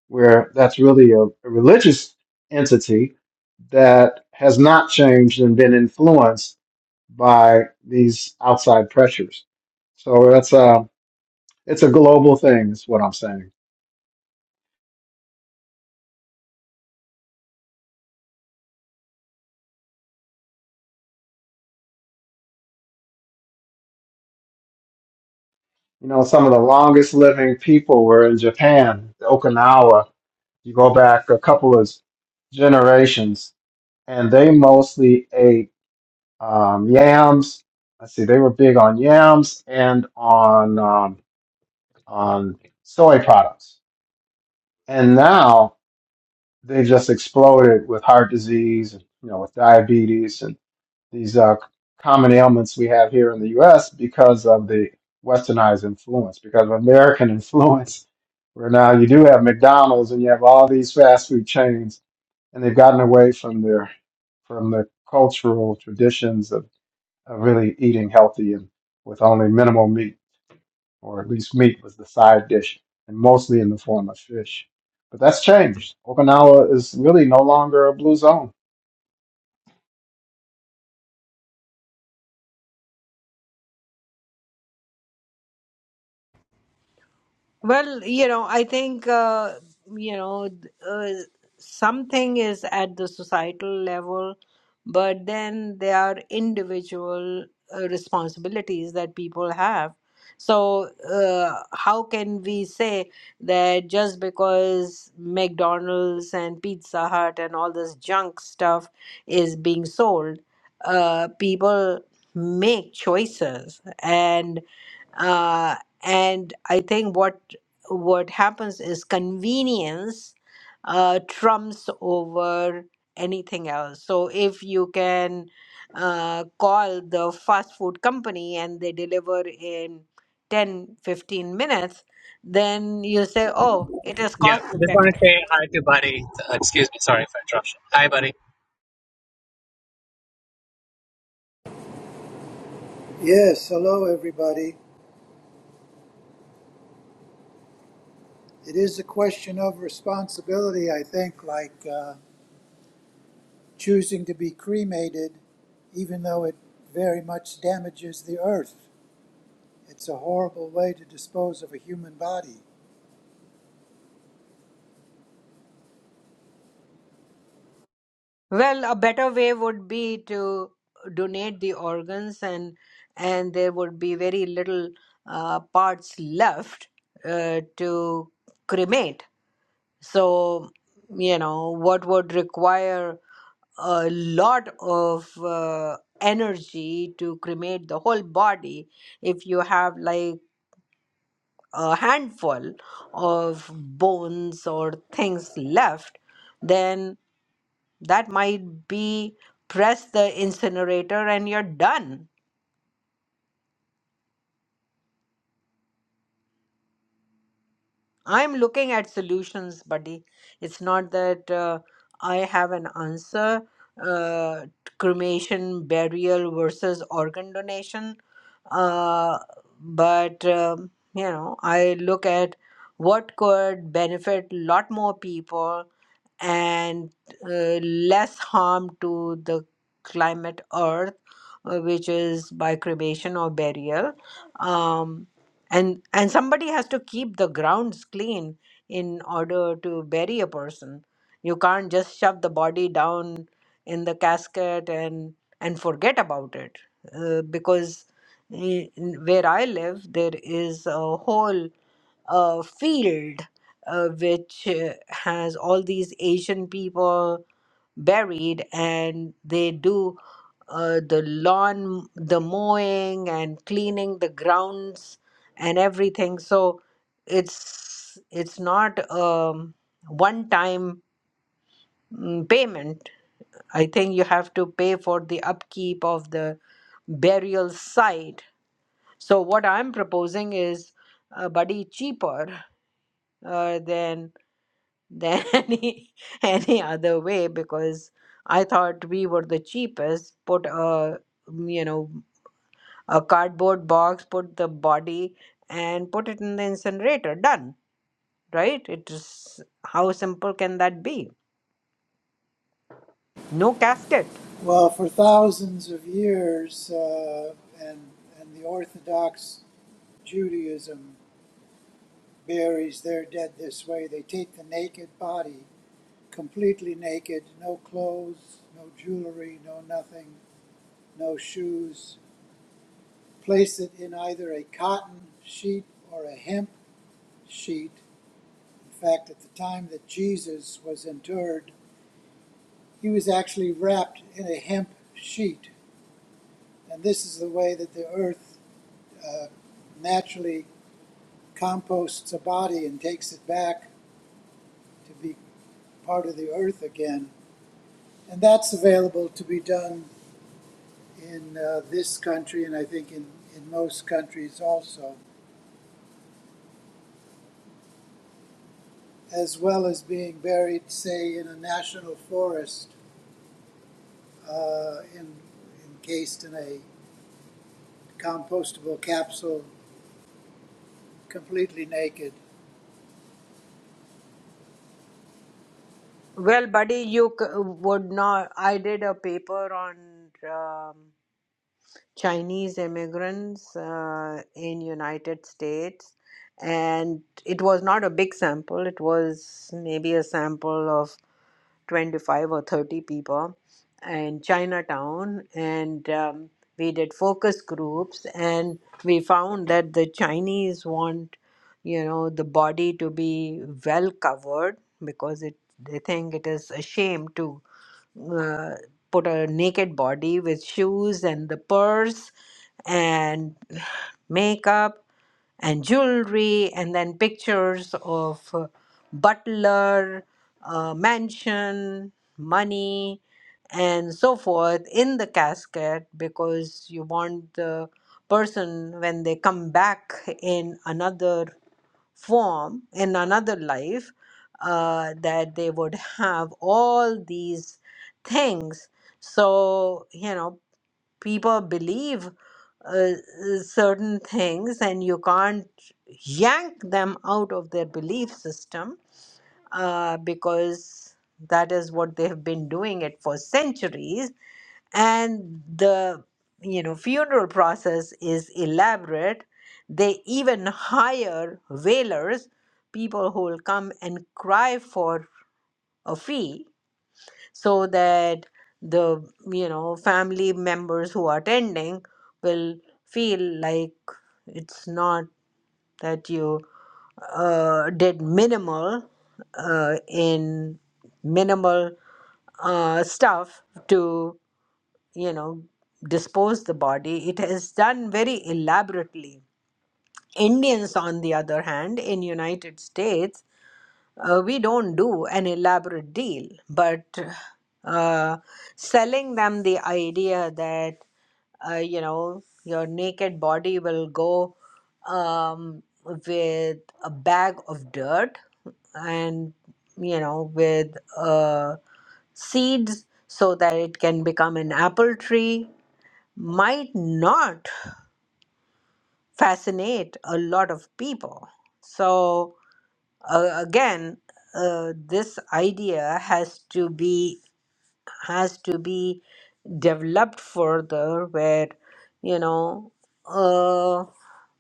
Speaker 2: where that's really a, a religious entity that has not changed and been influenced by these outside pressures. So that's a it's a global thing, is what I'm saying. You know, some of the longest living people were in Japan, Okinawa. You go back a couple of generations and they mostly ate um, yams. Let's see, they were big on yams and on um, on soy products. And now they just exploded with heart disease, and you know, with diabetes and these uh, common ailments we have here in the U.S. because of the westernized influence, because of American influence, where now you do have McDonald's and you have all these fast food chains, and they've gotten away from their from the cultural traditions of, of really eating healthy and with only minimal meat, or at least meat was the side dish, and mostly in the form of fish. But that's changed. Okinawa is really no longer a blue zone.
Speaker 1: Well, you know, I think, uh, you know, uh, something is at the societal level, but then there are individual uh, responsibilities that people have. So, uh, how can we say that just because McDonald's and Pizza Hut and all this junk stuff is being sold, uh, people make choices and uh, and I think what what happens is convenience uh, trumps over anything else. So if you can uh, call the fast food company and they deliver in 10 15 minutes then you say oh it is
Speaker 3: Yeah,
Speaker 1: cost
Speaker 3: just want to
Speaker 1: effective
Speaker 3: say hi to Buddy. Uh, excuse me, sorry for interruption. Hi, Buddy.
Speaker 6: Yes, hello everybody. It is a question of responsibility, I think, like uh, choosing to be cremated, even though it very much damages the earth. It's a horrible way to dispose of a human body.
Speaker 1: Well, a better way would be to donate the organs, and and there would be very little uh, parts left uh, to cremate. So, you know, what would require a lot of uh, energy to cremate the whole body if you have like a handful of bones or things left, then. That might be press the incinerator and you're done. I'm looking at solutions, buddy. It's not that uh, I have an answer. Uh, cremation, burial versus organ donation. Uh, but, um, you know, I look at what could benefit a lot more people and uh, less harm to the climate earth uh, which is by cremation or burial um, and and somebody has to keep the grounds clean in order to bury a person you can't just shove the body down in the casket and and forget about it uh, because i- in- where i live there is a whole uh, field uh, which uh, has all these Asian people buried, and they do uh, the lawn, the mowing, and cleaning the grounds and everything. So it's it's not um, one time mm, payment. I think you have to pay for the upkeep of the burial site. So what I'm proposing is a buddy cheaper uh, than than any any other way because I thought we were the cheapest. Put a mm, you know a cardboard box, put the body, and put it in the incinerator. Done, right? It is how simple can that be? No casket.
Speaker 6: Well, for thousands of years, uh, and, and the Orthodox Judaism buries their dead this way. They take the naked body, completely naked, no clothes, no jewelry, no nothing, no shoes, Place it in either a cotton sheet or a hemp sheet. In fact, at the time that Jesus was interred, he was actually wrapped in a hemp sheet. And this is the way that the earth uh, naturally composts a body and takes it back to be part of the earth again. And that's available to be done in uh, this country and I think in, in most countries also. as well as being buried, say, in a national forest, uh, in, encased in a compostable capsule, completely naked.
Speaker 1: Well, buddy, you c- would not. I did a paper on. Um, Chinese immigrants uh, in United States, and it was not a big sample. It was maybe a sample of 25 or 30 people in Chinatown, and um, we did focus groups, and we found that the Chinese want, you know, the body to be well covered because it they think it is a shame to uh, put a naked body with shoes and the purse and makeup and jewelry and then pictures of uh, butler uh, mansion money and so forth in the casket because you want the person when they come back in another form in another life uh, that they would have all these things so you know people believe uh, uh, certain things and you can't yank them out of their belief system uh, because that is what they have been doing it for centuries and the you know funeral process is elaborate they even hire wailers people who will come and cry for a fee so that the you know family members who are attending will feel like it's not that you uh, did minimal uh, in minimal uh, stuff to you know dispose the body It has done very elaborately indians on the other hand in united states uh, we don't do an elaborate deal, but uh, selling them the idea that uh, you know your naked body will go um, with a bag of dirt and you know with uh, seeds so that it can become an apple tree might not fascinate a lot of people. So uh, again uh, this idea has to be has to be developed further where you know uh,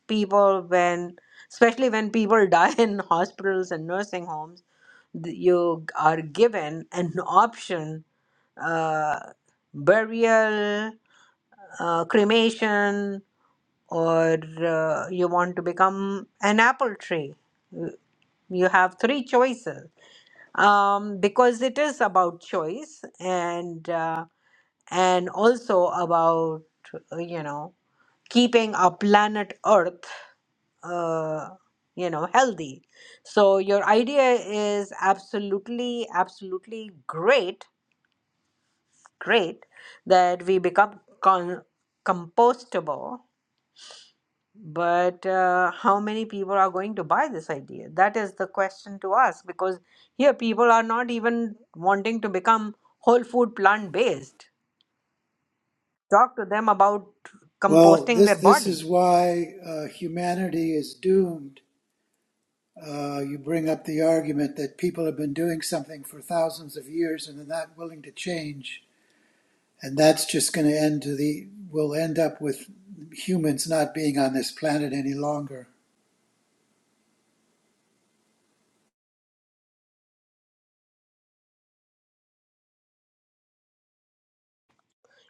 Speaker 1: people when especially when people die in hospitals and nursing homes th- you are given an option uh, burial uh, cremation or uh, you want to become an apple tree you have three choices um, because it is about choice and uh, and also about uh, you know keeping our planet Earth uh, you know healthy. So your idea is absolutely absolutely great, great that we become con- compostable But uh, how many people are going to buy this idea? That is the question to ask because here people are not even wanting to become whole food plant based. Talk to them about
Speaker 6: Well,
Speaker 1: composting their
Speaker 6: this this
Speaker 1: body.
Speaker 6: is why uh, humanity is doomed. Uh, you bring up the argument that people have been doing something for thousands of years and they're not willing to change, and that's just going to end to the. We'll end up with humans not being on this planet any longer.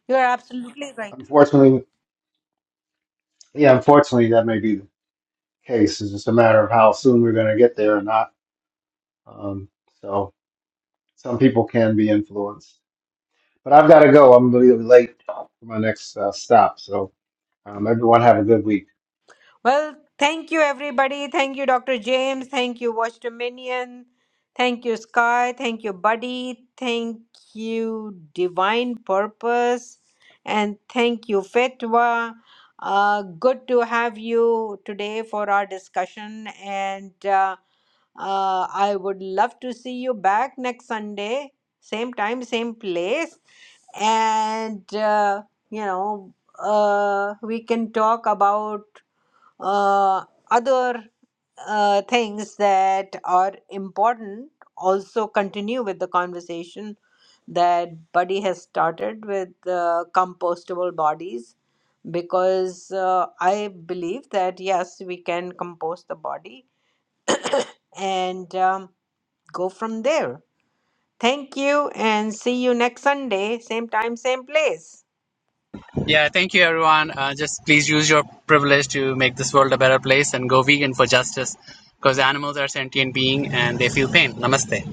Speaker 1: You are absolutely right.
Speaker 2: Unfortunately, yeah, unfortunately, that may be case. It's just a matter of how soon we're going to get there or not. Um, so some people can be influenced. But I've got to go. I'm going to be late for my next uh, stop. So um, everyone have a good week.
Speaker 1: Well, thank you, everybody. Thank you, Dr. James. Thank you, Watch Dominion. Thank you, Sky. Thank you, Buddy. Thank you, Divine Purpose. And thank you, Fetwa. Uh, good to have you today for our discussion. And uh, uh, I would love to see you back next Sunday, same time, same place. And, uh, you know, uh, we can talk about uh, other uh, things that are important also continue with the conversation that Buddy has started with uh, compostable bodies because uh, I believe that yes, we can compost the body and um, go from there. Thank you and see you next Sunday, same time, same place.
Speaker 3: Yeah, thank you, everyone. Uh, just please use your privilege to make this world a better place and go vegan for justice because animals are sentient beings and they feel pain. Namaste.